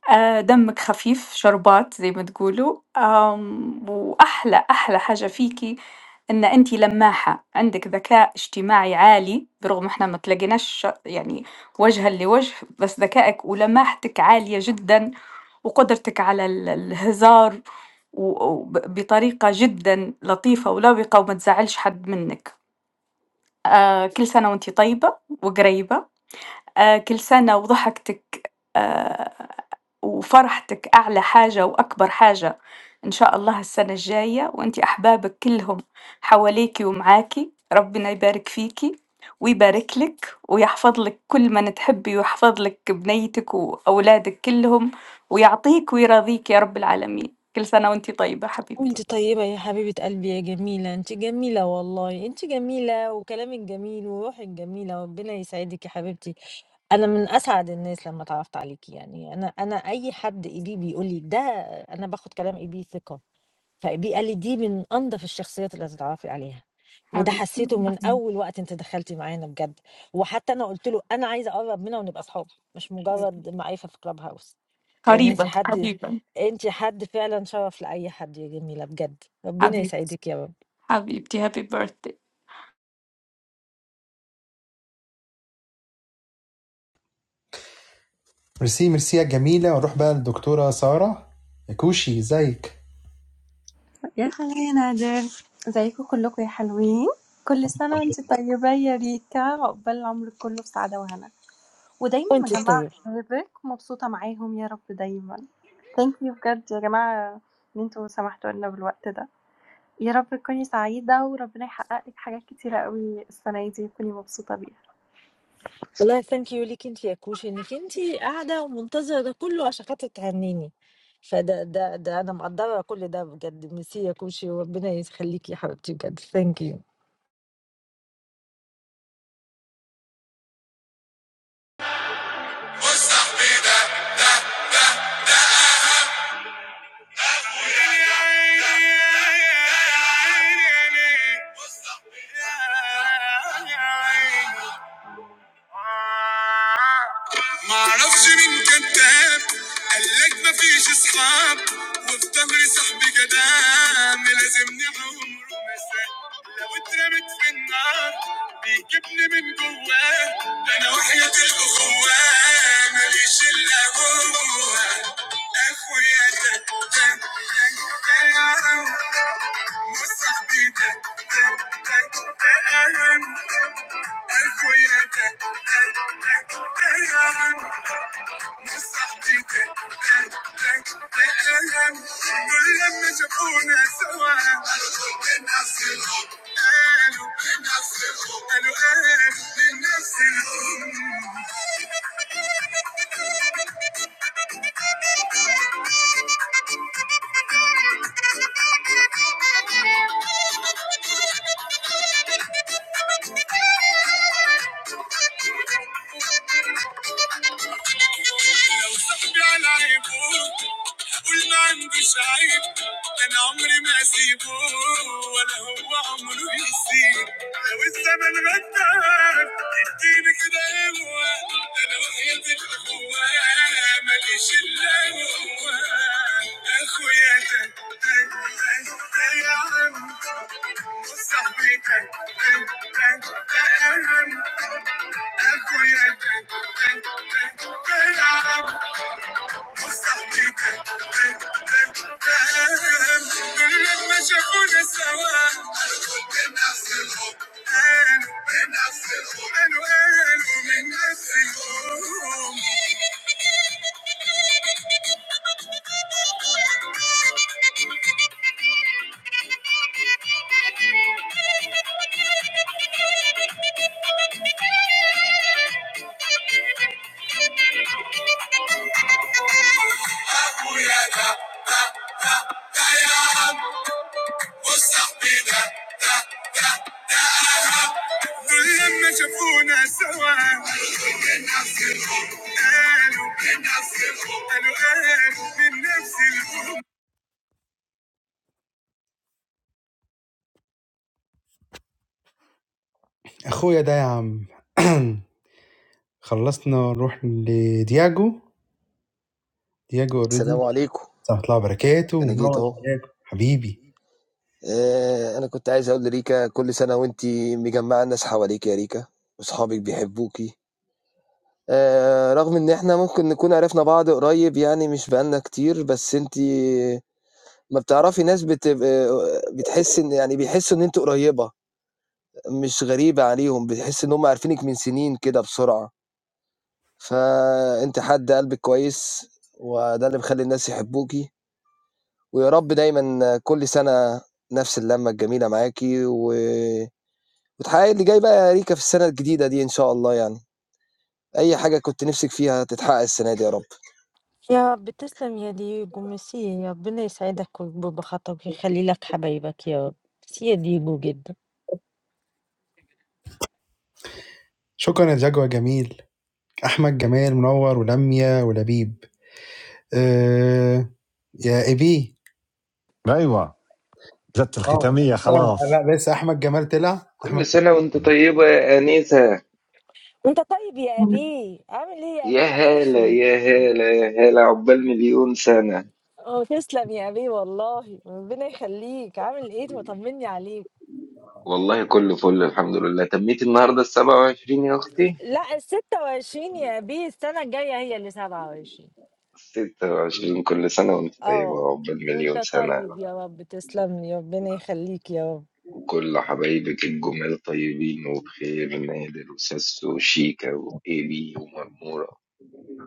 S31: آآ دمِك خفيف، شربات زي ما تقولوا، آمم وأحلى، أحلى حاجة فيكِ إن أنتِ لماحة، عندِك ذكاء اجتماعي عالي، برغم إحنا ما تلاقيناش يعني وجهًا لوجه، بس ذكائِك ولماحتِك عالية جدًا، وقدرتِك على ال الهزار و وب بطريقة جدًا لطيفة ولبقة وما تزعّلش حد منِك. آآ كل سنة وأنتِ طيبة وقريبة، آآ كل سنة وضحكتِك آآ وفرحتِك أعلى حاجة وأكبر حاجة إن شاء الله السنة الجاية، وأنتِ أحبابِك كلهم حواليكِ ومعاكِ، ربنا يبارك فيكِ ويبارك لِك ويحفظ لِك كل من تحبي ويحفظ لِك بنيتِك وأولادِك كلهم ويعطيك ويرضيك يا رب العالمين، كل سنة وأنتِ طيبة حبيبتي،
S1: وانت طيبه يا حبيبه قلبي يا جميله انت جميله والله انت جميله وكلامك جميل وروحك جميله ربنا يسعدك يا حبيبتي أنا من أسعد الناس لمّا اتعرّفت عليكِ يعني، أنا أنا أي حد EB بيقول لي ده أنا باخد كلام EB ثقة، فEB قال لي: "دي من أنضف الشخصيات اللي هتتعرّفي عليها." وده
S31: حبيبتي
S1: حسّيته من أول وقت أنتِ دخلتِ معانا بجد، وحتى أنا قُلت له: "أنا عايزة أقرّب منها ونبقى صحاب، مش مجرّد معرفة في club house." لإن أنتِ
S31: قريبًا
S1: حد
S31: قريبًا
S1: أنتِ حد فعلًا شَرَف لأي حد يا جميلة بجد، ربنا
S31: حبيبتي
S1: يسعدِك يا رب،
S31: حبيبتي happy birthday
S2: ميرسي ميرسي يا جميلة ونروح بقى للدكتورة سارة يا كوشي ازيك
S32: يا خالي يا نادر ازيكم كلكم يا حلوين كل سنة وانت طيبة يا ريتا عقبال العمر كله بسعادة وهنا ودايما
S1: وأنتِ
S32: مجمعة
S1: الطيبة.
S32: حبايبك مبسوطة معاهم يا رب دايما ثانك يو بجد يا جماعة ان انتوا سمحتوا لنا بالوقت ده يا رب تكوني سعيدة وربنا يحقق لك حاجات كتيرة قوي السنة دي تكوني مبسوطة بيها
S1: والله thank you ليك انت يا كوش انك انت قاعده ومنتظره ده كله عشان خاطر تهنيني فده ده ده انا مقدره كل ده بجد ميرسي يا كوشي وربنا يخليكي يا حبيبتي بجد thank you
S2: مستحبي ده ده ده ده أهم معرفش مين كذاب قالك مفيش اصحاب وفي ظهري صاحبي جدعان ملازمني عمره مساء لو اترمت في النار بيجيبني من جواه انا وحياة الاخوة ماليش الا هو اخويا ده ده- ده- ده- ده- كل لما Thank you. لو صاحبي على عيبه قول ما عندوش عيب ده انا عمري ما اسيبه ولا هو عمره يسيب لو الزمن غدار يديني كده قوة ده انا وحياة الاخوة ماليش الا هو اخويا ده ده- ده- ده يا عم وصاحبي ده ده- ده- ده اهم اخويا ده ده- ده- ده لما شافونا سوا قالوا من نفس الحب قالوا قالوا من نفس اخويا ده يا عم (clears throat) خلصنا نروح لدياجو دياجو
S28: السلام
S2: اوريدي
S28: عليكم
S2: سلام الله وبركاته
S28: انا جيت
S2: منور
S28: اهو
S2: يا دياجو حبيبي
S28: آه، انا كنت عايز اقول لريكا كل سنه وانت مجمعه الناس حواليك يا ريكا واصحابك بيحبوكي آآ رغم إن إحنا ممكن نكون عرفنا بعض قريب يعني مش بقى لنا كتير، بس أنتِ أمّا بتعرفي ناس بتب آآ بتحسّي إن يعني بيحسّوا إن أنتِ قريّبة، مش غريبة عليهم، بتحسّي إن هُم عارفينِك من سنين كده بسرعة، فأنتِ حد قلبِك كويس، وده اللي مخلّي الناس يحبوكِ، ويا رب دايمًا كل سَنة نفس اللمّة الجميلة معاكِ، و وتحققي اللي جاي بقى يا ريكا في السَنة الجديدة دي إن شاء الله يعني، أي حاجة كنتِ نِفْسِك فيها هتتحقق السَنة دي يا رب.
S1: يا رب تسلم يا ديجو ميرسي يا ربنا يسعدك ويكبر بخاطرك ويخلي لك حبايبك يا رب ميرسي يا ديجو جدا
S2: شكرا يا دياجو يا جميل احمد جمال منور ولميا ولبيب آآ يا إيبي
S8: ايوه جت
S2: آه
S8: الختامية خلاص
S2: فعلا. لأ لسه أحمد جمال طلع، أحمد
S33: كل سنة وانت طيبة يا أنسة
S1: وانت طيب يا ابي عامل ايه يا
S33: يا
S1: ابي
S33: هالة
S1: وحشني
S33: يا هالة يا هالة عقبال مليون سنة
S1: اه تسلم يا ابي والله ربنا يخليك عامل ايه طمني عليك
S33: والله كله فل الحمد لله تميت النهاردة السبعة وعشرين يا أختي
S1: لا ال 26 يا بيه السنة الجاية هي اللي 27
S33: ستة وعشرين كل سنة وانت طيبة
S1: آه،
S33: وعقبال
S1: وأنت
S33: مليون سنة
S1: طيب يا رب تسلم لي، ربنا يخليك يا رب.
S33: وكل حبايبك الجمال طيبين وبخير نادر وساسو وشيكا وإيبي ومرمورة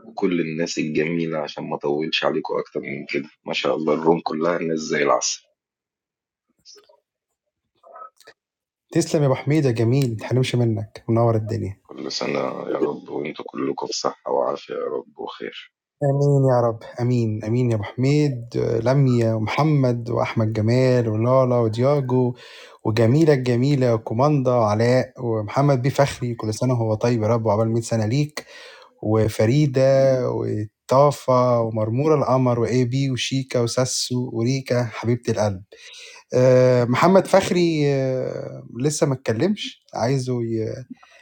S33: وكل الناس الجميلة عشان ما أطولش عليكم أكتر من كده ما شاء الله الروم كلها الناس زي العسل
S2: تسلم يا أبو حميد يا جميل، ما تحرمش منّك، منوّر الدنيا.
S33: كل سنة يا رب وانتم كلكم بصحة وعافية يا رب وخير
S2: آمين يا رب، آمين، آمين يا أبو حميد، آه، لميا ومحمد وأحمد جمال ولالا ودياجو وجميلة الجميلة وكوماندا وعلاء ومحمد بيه فخري، كل سنة وهو طيب يا رب وعقبال 100 سنة ليك وفريدة وطافة ومرمورة القمر وإيبي وشيكا وساسو وريكا حبيبة القلب. آآ محمد فخري آه، لسه ما اتكلّمش، عايزه ي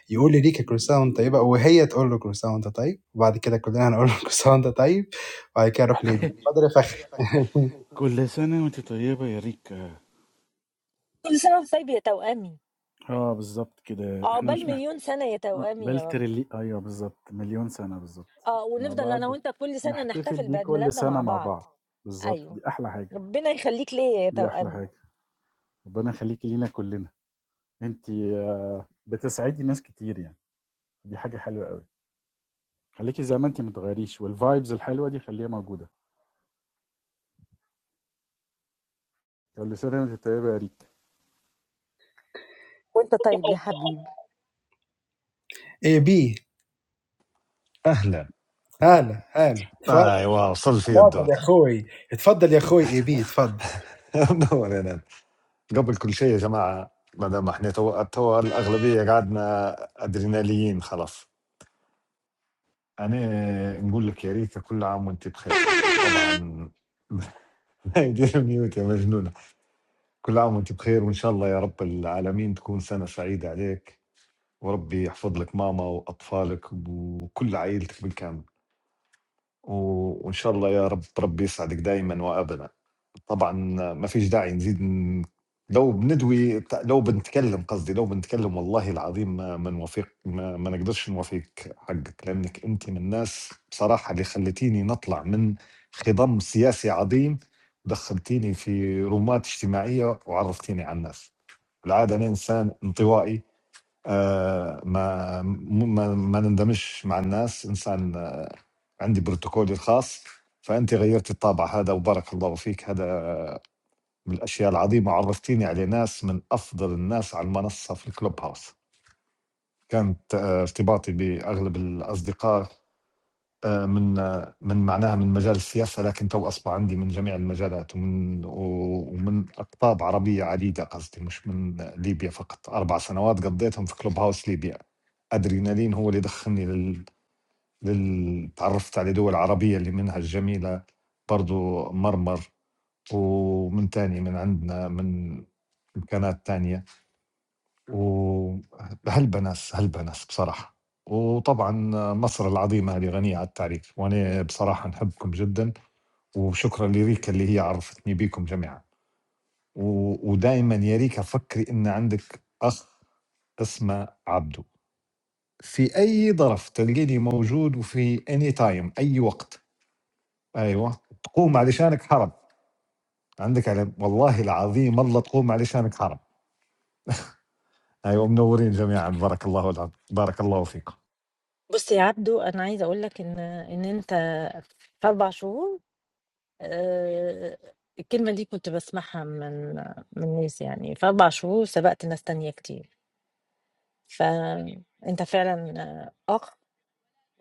S2: يقول لريكا كل سَنة وأنت طيبة وهي تقول له كل سَنة وأنت طيب، وبعد كده كُلّنا هنقول له (laughs) كل سَنة وأنت طيب، وبعد كده نروح ليلو، اتفضل يا فخري (laughs)
S11: there. It's over. Every year, you're
S1: كل سنة وأنت طيب يا توأمي،
S11: fine, Mr. Rick. Yeah, exactly like that. We
S1: عقبال
S11: don't
S1: مليون سنة يا
S11: have
S1: توأمي يا
S11: Belter.
S1: رب.
S11: Yeah, exactly. Million years, exactly.
S1: آه،
S11: No
S1: ونفضل
S11: more.
S1: أنا وأنت كل
S11: We
S1: سنة
S11: celebrate every
S1: نحتفل بعيد ميلادنا
S11: year. No
S1: مع بعض.
S11: more. Exactly. The most beautiful
S1: أيوه.
S11: thing. The most beautiful
S1: ربنا يخليك ليا يا توأمي،
S11: thing. And we want to make it for everyone. You make happy many people. It's a very good thing. خليكي زي ما انت ما تغيريش والفايبز الحلوه دي خليها موجوده يا اللي سر انت طيبه يا ريت
S1: وأنت طيب يا حبيبي.
S8: أهلا أيوة وصل في الدور
S2: اتفضل.
S8: (laughs) منور هنا قبل كل شيء يا جماعة ما دام احنا تو, تو الأغلبية قعدنا أدريناليين خلاص أنا نقول لك يا ريتا كل عام وأنت بخير طبعا (laughs) دير ميوت يا مجنونة كل عام وأنت بخير وإن شاء الله يا رب العالمين تكون سنة سعيدة عليك وربي يحفظ لك ماما وأطفالك وكل عائلتك بالكامل و- وإن شاء الله يا رب ربي يسعدك دائما وأبدا طبعًا ما فيش داعي نزيد ن لو بندوي ت لو بنتكلّم قصدي، لو بنتكلّم والله العظيم ما ما نوافق ما ما نقدرش نوافقِك حقِّك، لإنِّك أنتِ من الناس بصراحة اللي خلّيتيني نطلع من خِضم سياسي عظيم، ودخّلتيني في رومات اجتماعية وعرّفتيني على الناس. بالعادة أنا إنسان انطوائي آآ ما م ما ما نندمجش مع الناس، إنسان آه عندي بروتوكولي الخاص، فأنتِ غيّرتِ الطابع هذا وبارك الله فيك، هذا من الاشياء العظيمه عرفتيني على ناس من افضل الناس على المنصه في الكلوب هاوس كانت آه، ارتباطي باغلب الاصدقاء آه، من آه، من معناها من مجال السياسه لكن تو اصبح عندي من جميع المجالات ومن و- ومن اقطاب عربيه عديده قصدي مش من ليبيا فقط اربع سنوات قضيتهم في كلوب هاوس ليبيا ادرينالين هو اللي دخلني لل لل- تعرفت على دول عربيه اللي منها الجميله برضو مرمر ومن تاني من عندنا من إمكانات تانية مم. وهلبنس هلبنس بصراحة وطبعا مصر العظيمة هذه غنية عن التعريف وأنا بصراحة نحبكم جدا وشكرا لريكا اللي هي عرفتني بيكم جميعا ودائما يا ريكا فكري إن عندك أخ اسمه عبدو في أي ظرف تلقيني موجود وفي أني تايم أي وقت أيوة تقوم علشانك حرب عندك علم والله العظيم الله تقوم علشانك حرب ايوه منورين جميعا بارك الله العظيم بارك الله فيكم
S1: بُص يا عبدو، أنا عايزة أقول لك إن إن أنت في 4 شهور آآ، الكلمة دي كنت باسمعها من من ناس يعني، في 4 شهور سبقت ناس تانية كتير، فأنت فعلًا أخ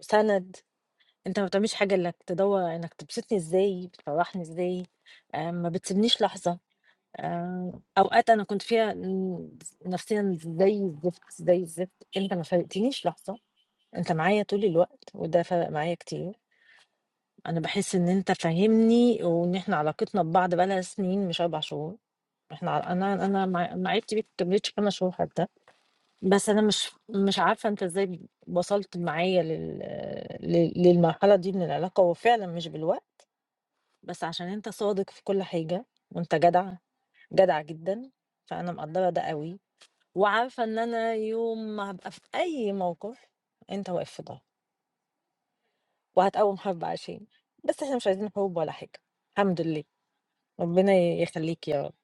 S1: سند انت ما بتعملش حاجه الا انك تدور انك تبسطني ازاي بتفرحني ازاي آه، ما بتسيبنيش لحظه آه، اوقات انا كنت فيها ن- نفسيا زي الزفت زي الزفت انت ما فارقتنيش لحظه انت معايا طول الوقت وده فرق معايا كتير انا بحس ان انت فاهمني وان احنا علاقتنا ببعض بقالها سنين مش اربع شهور احنا ع- انا انا مع- معرفتي بيك ما كملتش خمس شهور حتى بس أنا مش مش عارفة أنت إزاي وصلت معايا لل ل للمرحلة دي من العلاقة، هو فعلًا مش بالوقت، بس عشان أنت صادق في كل حاجة، وأنت جدع، جدع جدًا، فأنا مقدّرة ده أوي، وعارفة إن أنا يوم ما هابقى في أي موقف أنت واقف في ضهري، وهتقوّم حرب عشاني، بس إحنا مش عايزين حروب ولا حاجة، الحمد لله، ربنا يخلّيك يا رب.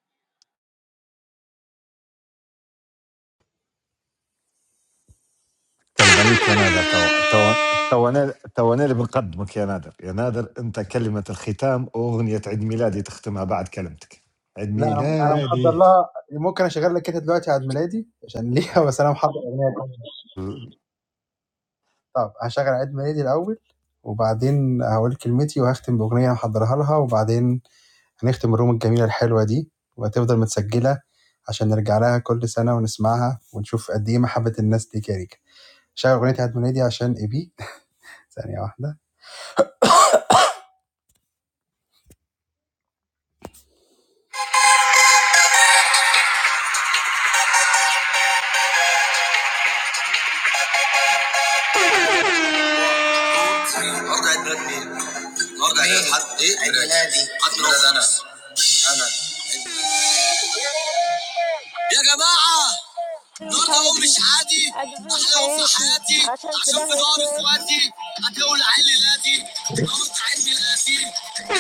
S8: كلمة ليك يا نادر تو تو تو أنا- تو أنا اللي بنقدمك يا نادر يا نادر أنت كلمة الختام أغنية عيد ميلادي تختمها بعد كلمتك عيد
S2: لأ أنا أنا
S8: ميلادي
S2: محضّر لها ممكن أشغّل لك أنت دلوقتي عيد ميلادي عشان ليها (laughs) بس أنا محضّر أغنية كمان. طَب هاشغّل عيد ميلادي الأول، وبعدين هاقول كلمتي وهاختم بأغنية محضّرها لها وبعدين هنختم الروم الجميلة الحلوة دي وهتفضل متسجلة عشان نرجع لها كل سنة ونسمعها ونشوف قد إيه محبة الناس ليك يا ريكا. شغل أغنية عيد ميلادي عشان إيبي (laughs) (applause) ثانية واحدة برضه عيد ميلاد مين؟ برضه عيد ميلاد حد إيه؟ عيد ميلادي حد ميلاد أنا أنا يا جماعة
S1: أيوه مش
S2: النهارده يوم مش
S1: عادي،
S2: عادي
S1: أجعان في
S2: أحلى يوم في
S1: حياتي
S2: حياتي
S1: عشان في
S2: عشان في
S1: ضهري
S2: دار
S1: إخواتي.
S2: إخواتي هتقول عيد ميلادي النهارده عيد ميلادي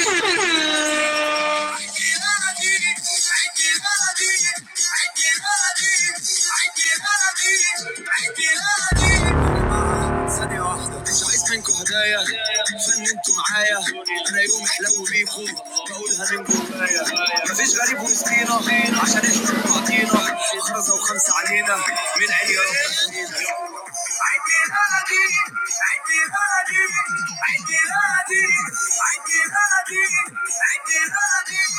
S2: أيوه عيد ميلادي يا جماعة ثانية واحدة مش عايز منكم هدايا فن انتوا معايا انا يوم احلو بيكم بقولها من جوايا مفيش غريب وسطينا عشان احنا ببعضينا خمسة وخمسة علينا من عين يا رب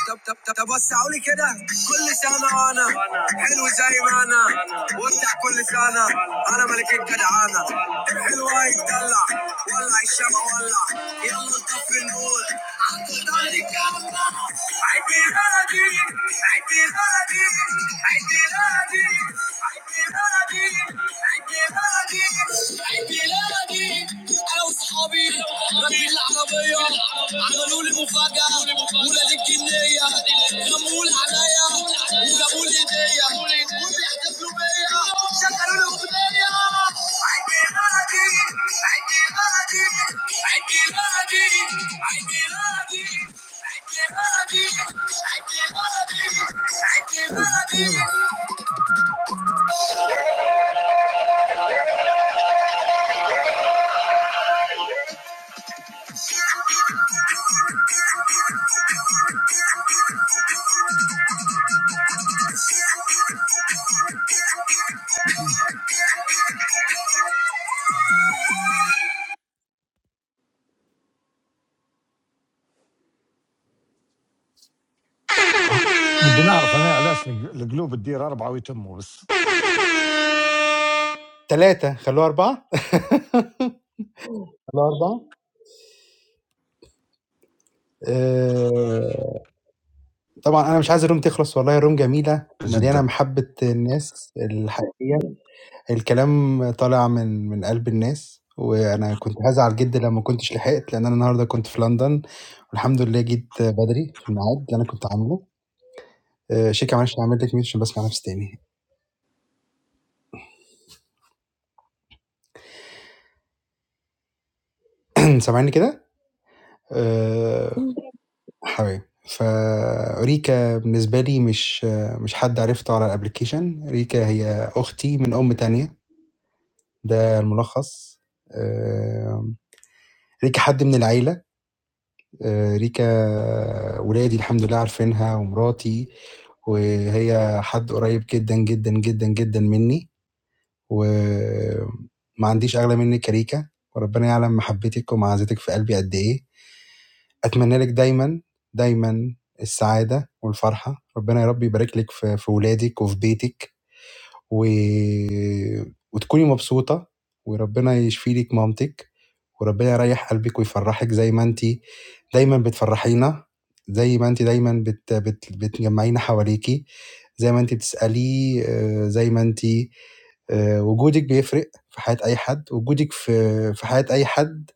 S2: طب طب طب طب وسعوا لي كده كل سنة أنا حلو زي ما أنا وافتح كل سنة أنا ملك الجدعانة حلوة يتدلع ولع الشمع ولع يلا نطفي النور عطل طريق الله عيد ميلادي عيد ميلادي عيد ميلادي عيد انا واصحابي راكبين العربيه عملوا لي مفاجأة ولاد الجنية غموا العناية وجابوا لي هدية وبيحتفلوا بيا شغلوا لي أغنية عيدي غادي عيدي غادي عيدي غادي عيدي غادي عيدي غادي عيدي غادي عيدي غادي
S8: نبي نعرف أنا علاش الق- القلوب تدير أربعة ويتموا بس
S2: ثلاثة خلوها أربعة الأربعة آآ طبعًا أنا مش عايز الروم تخلص والله الروم جميلة ومليانة
S8: جدا
S2: محبة الناس الحقيقية، الكلام طالع من من قلب الناس، وأنا كنت هازعل جدًا لو ما كنتش لحقت، لإن أنا النهارده كنت في لندن والحمد لله جيت بدري في الميعاد اللي أنا كنت عامله. آآ شيكا معلش أنا عملت لِك mute عشان باسمع نفسي تاني (clears throat) سامعني كده؟ آآ
S1: إمم.
S2: حبايبي، فريكا بالنسبة لي مش مش حد عرفته على الapplication، ريكا هي أختي من أم تانية. ده الملخص آم، ريكا حد من العيلة آه، ريكا ولادي الحمد لله عارفينها ومراتي وهي حد قريب جدا جدا جدا جدا مني وما عنديش أغلى منك يا ريكا وربنا يعلم محبتك ومعزتك في قلبي قد إيه أتمنى لك دايما دايما السعادة والفرحة ربنا يا رب يبارك لك في في ولادك وفي بيتك و... وتكوني مبسوطة وربنا يشفي لِك مامتِك، وربنا يريّح قلبِك ويفرّحِك زي ما أنتِ دايمًا بتفرّحينا، زي ما أنتِ دايمًا بت بت بتجمّعينا حواليكِ، زي ما أنتِ بتسألي، آآ زي ما أنتِ آآ وجودِك بيفرق في حياة أي حد، وجودِك في في حياة أي حد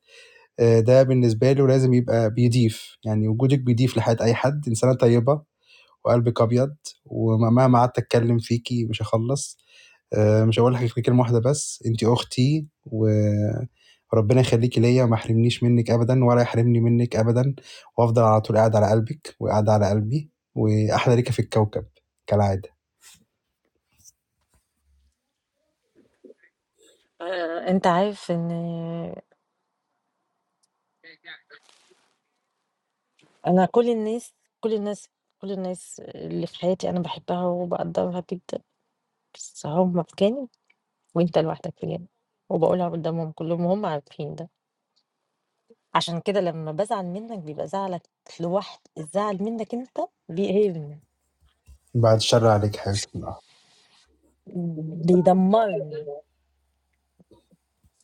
S2: آآ ده بالنسبة له لازم يبقى بيضيف، يعني وجودِك بيضيف لحياة أي حد، إنسانة طيبة وقلبِك أبيض ومهما قعدت أتكلّم فيكِ مش هاخلّص. آآ مش هاقول لحضرتِك كلمة واحدة بس، أنتِ أختي وربنا يخلّيكِ ليّا وما يحرمنيش منِّك أبدًا ولا يحرمني منِّك أبدًا، وهافضل على طول قاعد على قلبِك وقاعدة على قلبي، وأحلى ريكا في الكوكب كالعادة.
S1: آآ أنت عارف إن أنا كل الناس كل الناس كل الناس اللي في حياتي أنا باحبها وباقدّرها جدًا، بس هُم في جانب وأنت لوحدك في جانب، وباقولها قدّامهم كلّهم وهُم عارفين ده، عشان كده لمّا بازعل منّك بيبقى زعلك لوحد الزعل منّك أنت بيقهرني،
S2: بعد الشر عليكِ حبيبتي من
S1: بيدمّرني،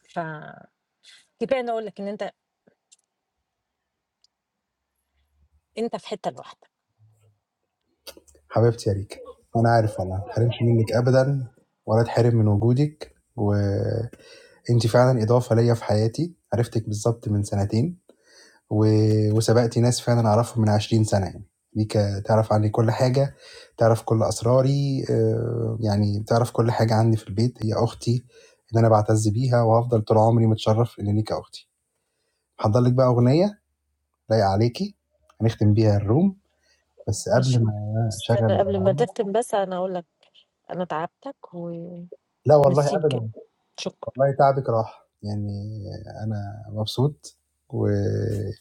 S1: فكفاية إنّي أقول لك إن أنت أنت في حتّة لوحدك.
S2: حبيبتي يا ريكا، وأنا عارف والله ما اتحرمش منِّك أبدًا ولا اتحرم من وجودِك، وأنتِ فعلًا إضافة ليّا في حياتي، عرفتِك بالضبط من سنتين. و... وسبقت ناس فعلًا أعرفهم من 20 سنة يعني، ليك تعرف عني كل حاجة، تعرف كل أسراري آآ، يعني تعرف كل حاجة عني في البيت، هي أختي اللي أنا باعتز بيها، وهافضل طول عمري متشرّف إن ليكِ أختي. هاحضّر لِك بقى أغنية لايقة عليكِ، هنختم بيها الroom، بس
S1: ماشي،
S2: قبل ما
S1: بس
S2: أشغّل
S1: أنا قبل ما
S2: الأغنية
S1: تختم بس أنا أقول لك أنا تعبتك وميرسي
S2: لا والله أبدًا،
S1: بجد، شكرًا.
S2: والله تعبِك راح، يعني أنا مبسوط، وأهم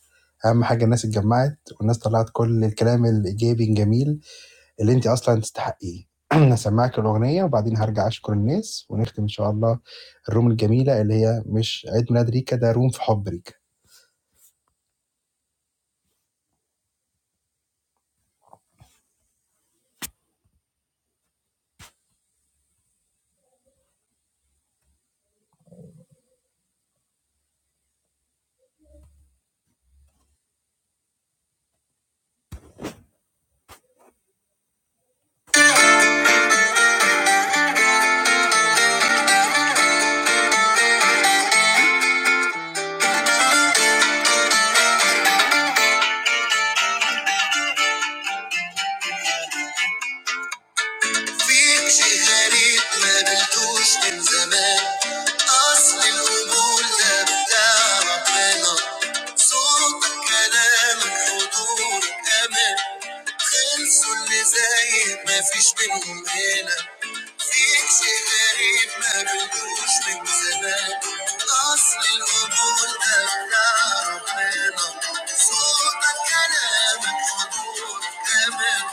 S2: حاجة الناس اتجمّعت والناس طلّعت كل الكلام الإيجابي الجميل اللي انت اصلا تستحقيه (clears throat) هسمعك الاغنيه وبعدين هرجع اشكر الناس ونختم ان شاء الله الروم الجميله اللي هي مش عيد ميلاد ريكا ده روم في حب ريكا فيك شيء غريب ما قابلتوش من زمان أصل القبول ده بتاع ربنا صوتك كلامك حضورك أمان خلصوا اللي زيك مفيش منهم هنا فيك شيء غريب ما قابلتوش من زمان أصل القبول ده بتاع ربنا صوتك كلامك حضور أمان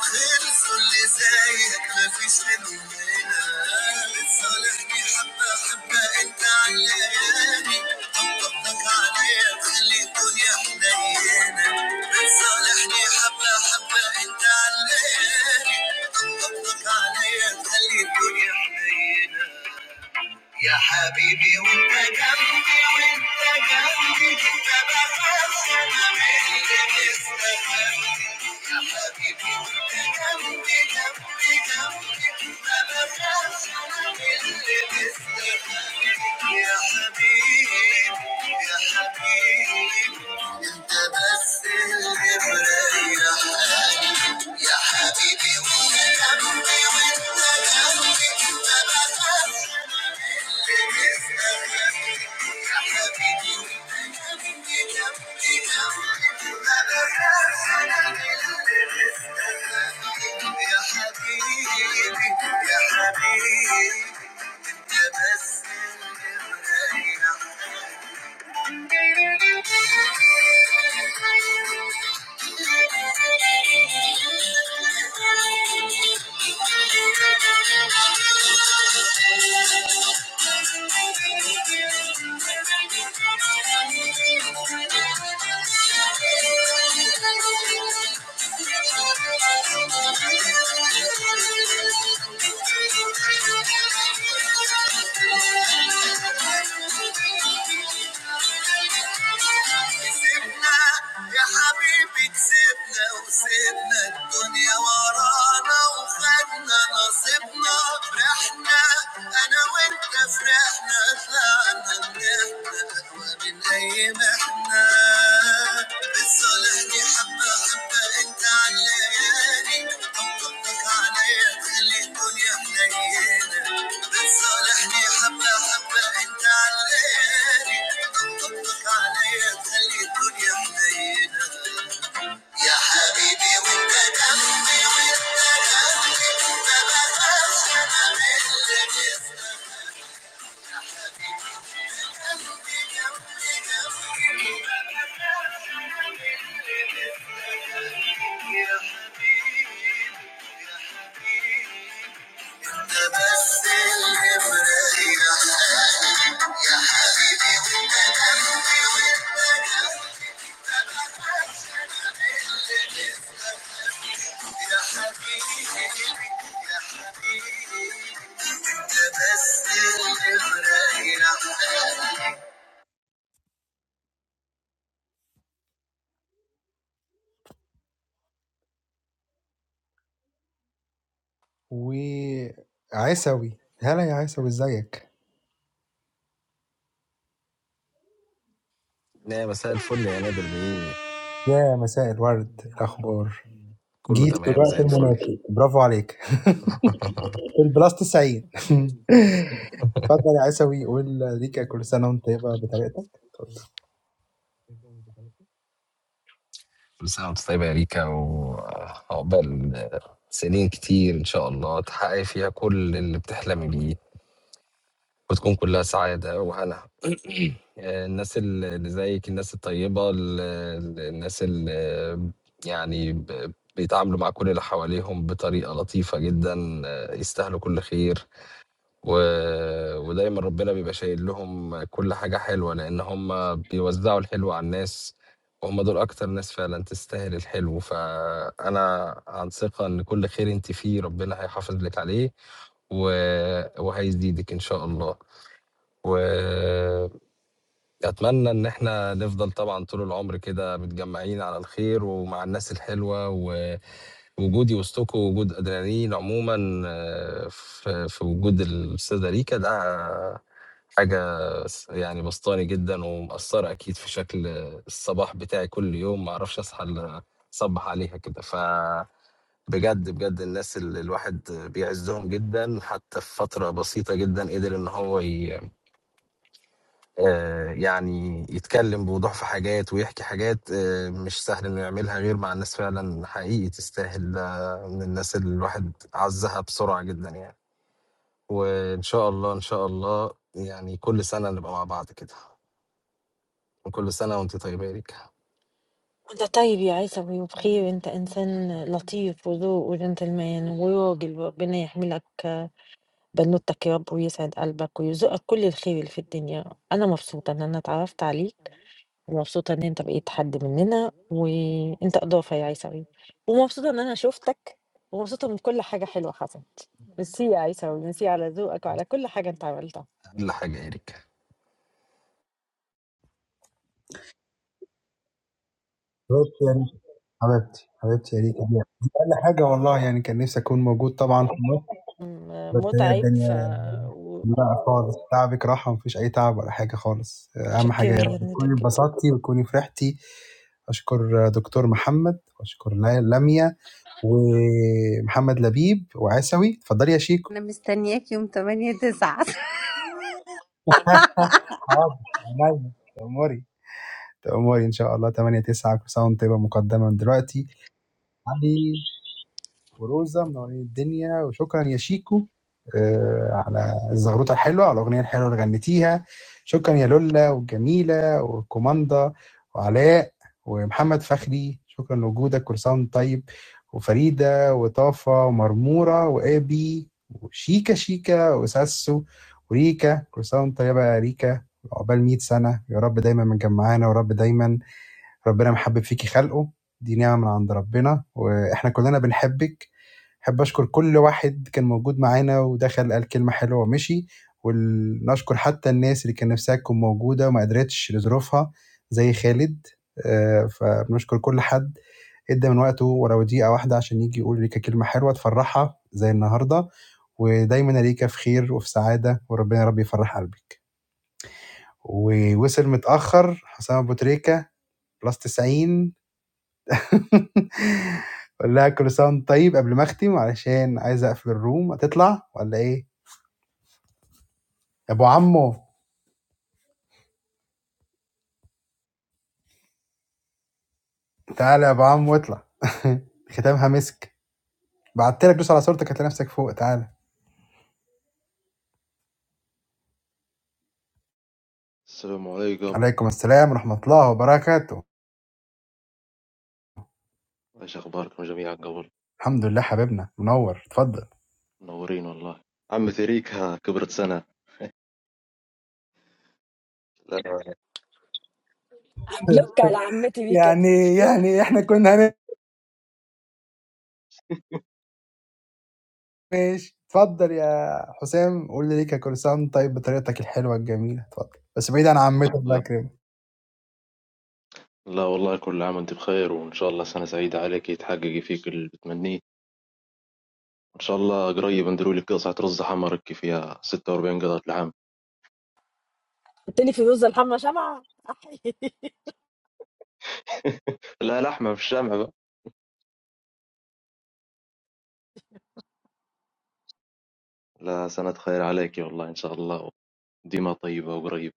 S2: خلصوا اللي زيك مفيش منهم هنا لصالحني حبة حبة انت علاني طبطبتك عليا تخلي الدنيا حنينة لصالحني حبة حبة انت علاني طبطبتك عليا تخلي الدنيا حنينة يا حبيبي وانت جنبي وانت جنبي انت بخاف انا من اللي استخبي يا حبيبي وانت جنبي جنبي جنبي انت بخاف انا من اللي استخبي يا حبيبي يا حبيبي انت بس اللي مريح يا حبيبي وانت جنبي يا حبيبي يا حبيبي تبسم من عينك Thank you. سيبنا يا حبيبي كسبنا وسيبنا الدنيا ورانا وخدنا نصيبنا فرحنا انا وانت فرحنا طلعنا نحنا من اي محنة بتصالحني حبة حبة انت عالليالي طبطبتك عليا تخلي الدنيا حنينة صالحني حبة حبة انت علاني طبطبك عليا تخلي الدنيا حنينة يا حبيبي وانت دمي وانت ده بس اللي مريح عيسوي هلا يا عيسوي ازيك
S34: لا مساء الفل يا نادر بيه
S2: يا مساء الورد الاخبار
S34: كله
S2: جيت في
S34: تمام
S2: الوقت
S34: زي الفل
S2: المناسب برافو عليك (laughs) في البلاس 90 (laughs) اتفضل يا عيسوي قول ليك كل سنه وانت بطريقتك اتفضل.
S34: كل سنة وانت طيبة يا ريكا وعقبال سنين كتير إن شاء الله تحققي فيها كل اللي بتحلمي بيه وتكون كلها سعادة وهنا الناس اللي زيك الناس الطيبة ال- ال- الناس اللي يعني ب- بيتعاملوا مع كل اللي حواليهم بطريقة لطيفة جدا يستاهلوا كل خير و ودايمًا ربنا بيبقى شايل لهم كل حاجة حلوة، لإن هم بيوزّعوا الحلو على الناس، وهم دول أكتر ناس فعلًا تستاهل الحلو، فأنا عن ثقة إن كل خير أنتِ فيه ربنا هيحافظ لِك عليه و وهيزيدِك إن شاء الله، وأتمنى إن إحنا نفضل طبعًا طول العمر كده متجمّعين على الخير ومع الناس الحلوة و وجودي وسطكم ووجود أدرينالين عمومًا آه، في في وجود الأستاذة ريكا ده حاجة س يعني باسطاني جدًا ومأثّرة أكيد في شكل الصباح بتاعي كل يوم، ما أعرفش أصحى إلا أصبّح عليها كده، فبجد، بجد بجد الناس اللي الواحد بيعزّهم جدًا، حتى في فترة بسيطة جدًا قدر إن هو ي آه، يعني يتكلم بوضوح في حاجات ويحكي حاجات آه، مش سهل انه يعملها غير مع الناس فعلا حقيقي تستاهل آه، من الناس اللي الواحد عزها بسرعة جدا يعني وان شاء الله ان شاء الله يعني كل سنة نبقى مع بعض كده وكل سنة وانت طيبة يا ريكا
S1: أنت طيب يا عيسوي وبخير أنت إنسان لطيف وذوق وجنتلمان وراجل وربنا يحملك بنوتك يا رب ويسعد قلبك ويرزقك كل الخير اللي في الدنيا أنا مبسوطة إن أنا اتعرفت عليك ومبسوطة إن أنت بقيت حد مننا وأنت إضافة يا عيسوي ومبسوطة إن أنا شفتك ومبسوطة من كل حاجة حلوة حصلت ميرسي يا عيسوي ميرسي على ذوقك وعلى كل حاجة أنت عملتها
S34: اقل حاجة يا ريكا
S2: حبيبتي يا ريت- حبيبتي حبيبتي يا ريت دي دي أقل حاجة والله يعني كان نفسي أكون موجود طبعا في مصر
S1: م-
S2: بس هي
S1: متعب
S2: الدنيا
S1: ف
S2: لا خالص تعبك راحة مفيش أي تعب ولا حاجة خالص أهم حاجة
S1: وشكرا
S2: يا رب
S1: يا ندى
S2: تكوني
S1: جدا
S2: اتبسطتي وتكوني فرحتي أشكر دكتور محمد وأشكر لا- لميا ومحمد لبيب وعسوي اتفضلي يا شيكو
S17: انا مستنياك يوم 8 9
S2: (laughs) حاضر عينيا تأمري تأمري إن شاء الله 8 9 كل سنة وأنت طيبة مقدما من دلوقتي علي وروزا منورين الدنيا وشكرا يا شيكو آه، على الزغروطه الحلوه على الاغنيه الحلوه اللي غنيتيها شكرا يا لولا والجميله والكوماندا وعلاء ومحمد فخري شكرا لوجودك كل سنه وأنت طيب وفريده وطافه ومرموره وابي وشيكا شيكا وساسو وريكا كل سنه وأنت طيبه يا ريكا عقبال 100 سنه يا رب دايما مجمعانا ورب دايما ربنا محبب فيكي خلقه دي نعمه من عند ربنا واحنا كلنا بنحبك أحب أشكر كل واحد كان موجود معانا ودخل قال كلمة حلوة ومشي، وال نشكر حتى الناس اللي كان نفسها تكون موجودة وما قدرتش لظروفها زي خالد، آآ فبنشكر كل حد ادّى من وقته ولو دقيقة واحدة عشان ييجي يقول ريكا كلمة حلوة تفرّحها زي النهارده، ودايمًا يا ريكا في خير وفي سعادة وربنا يا رب يفرّح قلبِك. ووصل متأخر حسام أبو تريكة +90 قُل (laughs) لها (applause) كل سنة وأنتِ طيب قبل ما أختم علشان عايز أقفل الroom هتطلع والّا إيه؟ يا ابو عمو تعالى يا ابو عمو اطلع (laughs) (applause) ختامها مسك بعت لك دوس على صورتك هتلاقي نفسك فوق تعالى
S35: السلام عليكم،
S2: عليكم السلام ورحمة الله وبركاته
S35: ايش اخباركم جميعا؟ قبل
S2: الحمد لله حبيبنا منور اتفضل
S35: منورين والله. عم ثريك ها كبرت سنة. لا لا,
S1: بلوك على عمتي ميكا
S2: يعني
S1: دي بلوك
S2: احنا كنا ماشي اتفضل قول كل سنة وأنت طيب بطريقتك الحلوة الجميلة اتفضل بس بعيد عن عمته الله يكرمك
S35: لا والله، كل عام وانت بخير، وان شاء الله سنة سعيدة عليك، يتحققي فيك اللي بتمنيه، ان شاء الله قريب نديروا لك قطعة رز حمرك فيها ستة وأربعين قطعة العام.
S1: التاني فيروز الحمى شمعة أحي. (laughs)
S35: (laughs) لا لحمة في الجامعة بقى. لا سنة خير عليك والله ان شاء الله، ديما طيبة وقريبة.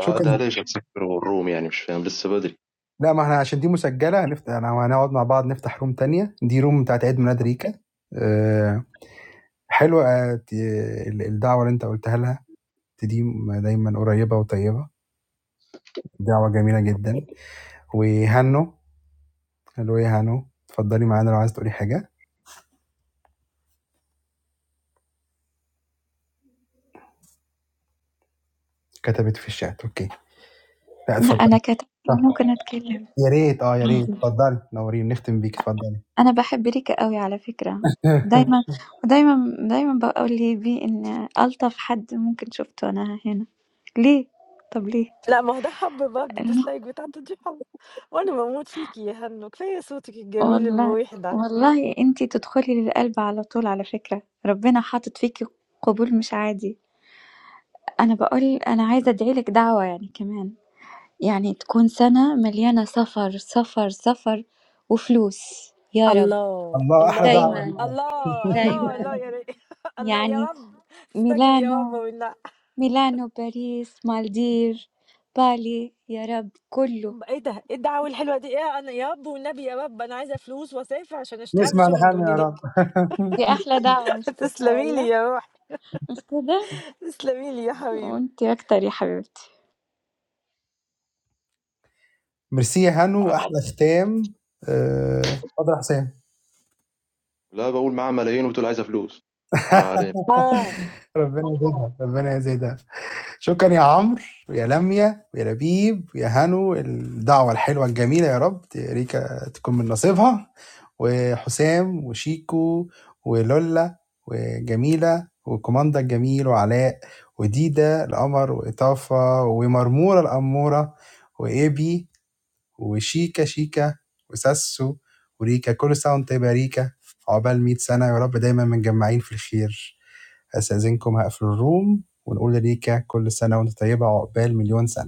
S2: شكرا
S35: ليش تسكر الروم؟ يعني مش فاهم، لسه بدري.
S2: لا ما احنا عشان دي مسجلة هنفت... أنا- هنقعد مع بعض نفتح روم تانية دي روم بتاعت عيد ميلاد ريكا أه... حلوة آه، ت- الدعوة اللي انت قلتها لها دي دايما قريبة وطيبة دعوة جميلة جدا وهانو الو يا هانو اتفضلي معانا لو عايز تقولي حاجة كتبت في الشات اوكي لا
S36: لأ أنا
S2: اتفضلي
S36: كتبت
S2: صح.
S36: وممكن أتكلم
S2: يا ريت اه يا ريت
S36: عادي.
S2: اتفضلي نورين نختم بيك اتفضلي
S36: أنا باحب ريكا أوي على فكرة. دايمًا ودايمًا دايمًا باقول لبي إن ألطف حد ممكن شُفته أنا هنا. ليه؟ طب ليه؟
S1: لا ما هو ده حب برضه
S36: الم
S1: الديسلايك بتاعته دي حب وانا بموت فيكي يا هنو كفايه صوتك الجميل
S36: والله
S1: المريح ده
S36: والله أنتِ تدخلي للقلب على طول على فكرة. ربنا حاطط فيكِ قبول مش عادي. أنا باقول أنا عايزة أدعي لِك دعوة يعني كمان. يعني تكون سَنة مليانة سفر، سفر، سفر وفلوس. يا رب.
S1: الله الله
S36: دايمًا،
S1: الله الله
S36: دايمًا.
S1: الله يا ري. (laughs) الله يا
S36: يعني
S1: رب استجب يا رب
S36: ميلانو
S1: والله
S36: ميلانو باريس مالديف بالي يا رب كله
S1: ايه ده ايه الدعوه الحلوه دي ايه انا يا رب والنبي يا رب انا عايزه فلوس واسافر عشان أشت- اعمل شوبنج من هناك
S36: دي أحلى دعوة مش
S1: (laughs)
S36: كده
S1: تسلمي لي
S36: ولا
S1: يا روح
S36: مش كده
S1: تسلمي لي يا حبيبي
S36: وانتي أكتر يا حبيبتي
S2: ميرسي يا هانو
S35: مع...
S2: احلى ختام آه، اتفضل يا حسام
S35: لا بقول معاه ملايين وبتقول عايزة فلوس، فما علينا.
S2: (laughs)
S1: اه
S2: ربنا يزيدها ربنا يزيدها شكرا يا عمرو ويا لميا ويا لبيب ويا هانو الدعوة الحلوة الجميلة يا رب ريكا تكون من نصيبها وحسام وشيكو ولولا وجميلة وكوماندا الجميل وعلاء وديدا القمر وإطافة ومرمورة الأمورة وإيبي وشيكا شيكا وساسو وريكا كل سنة وأنت طيبة يا ريكا عقبال 100 سنة يا رب دايما متجمعين في الخير أستأذنكم هقفل الروم ونقول لريكا كل سنة وأنت طيبة عقبال مليون سنة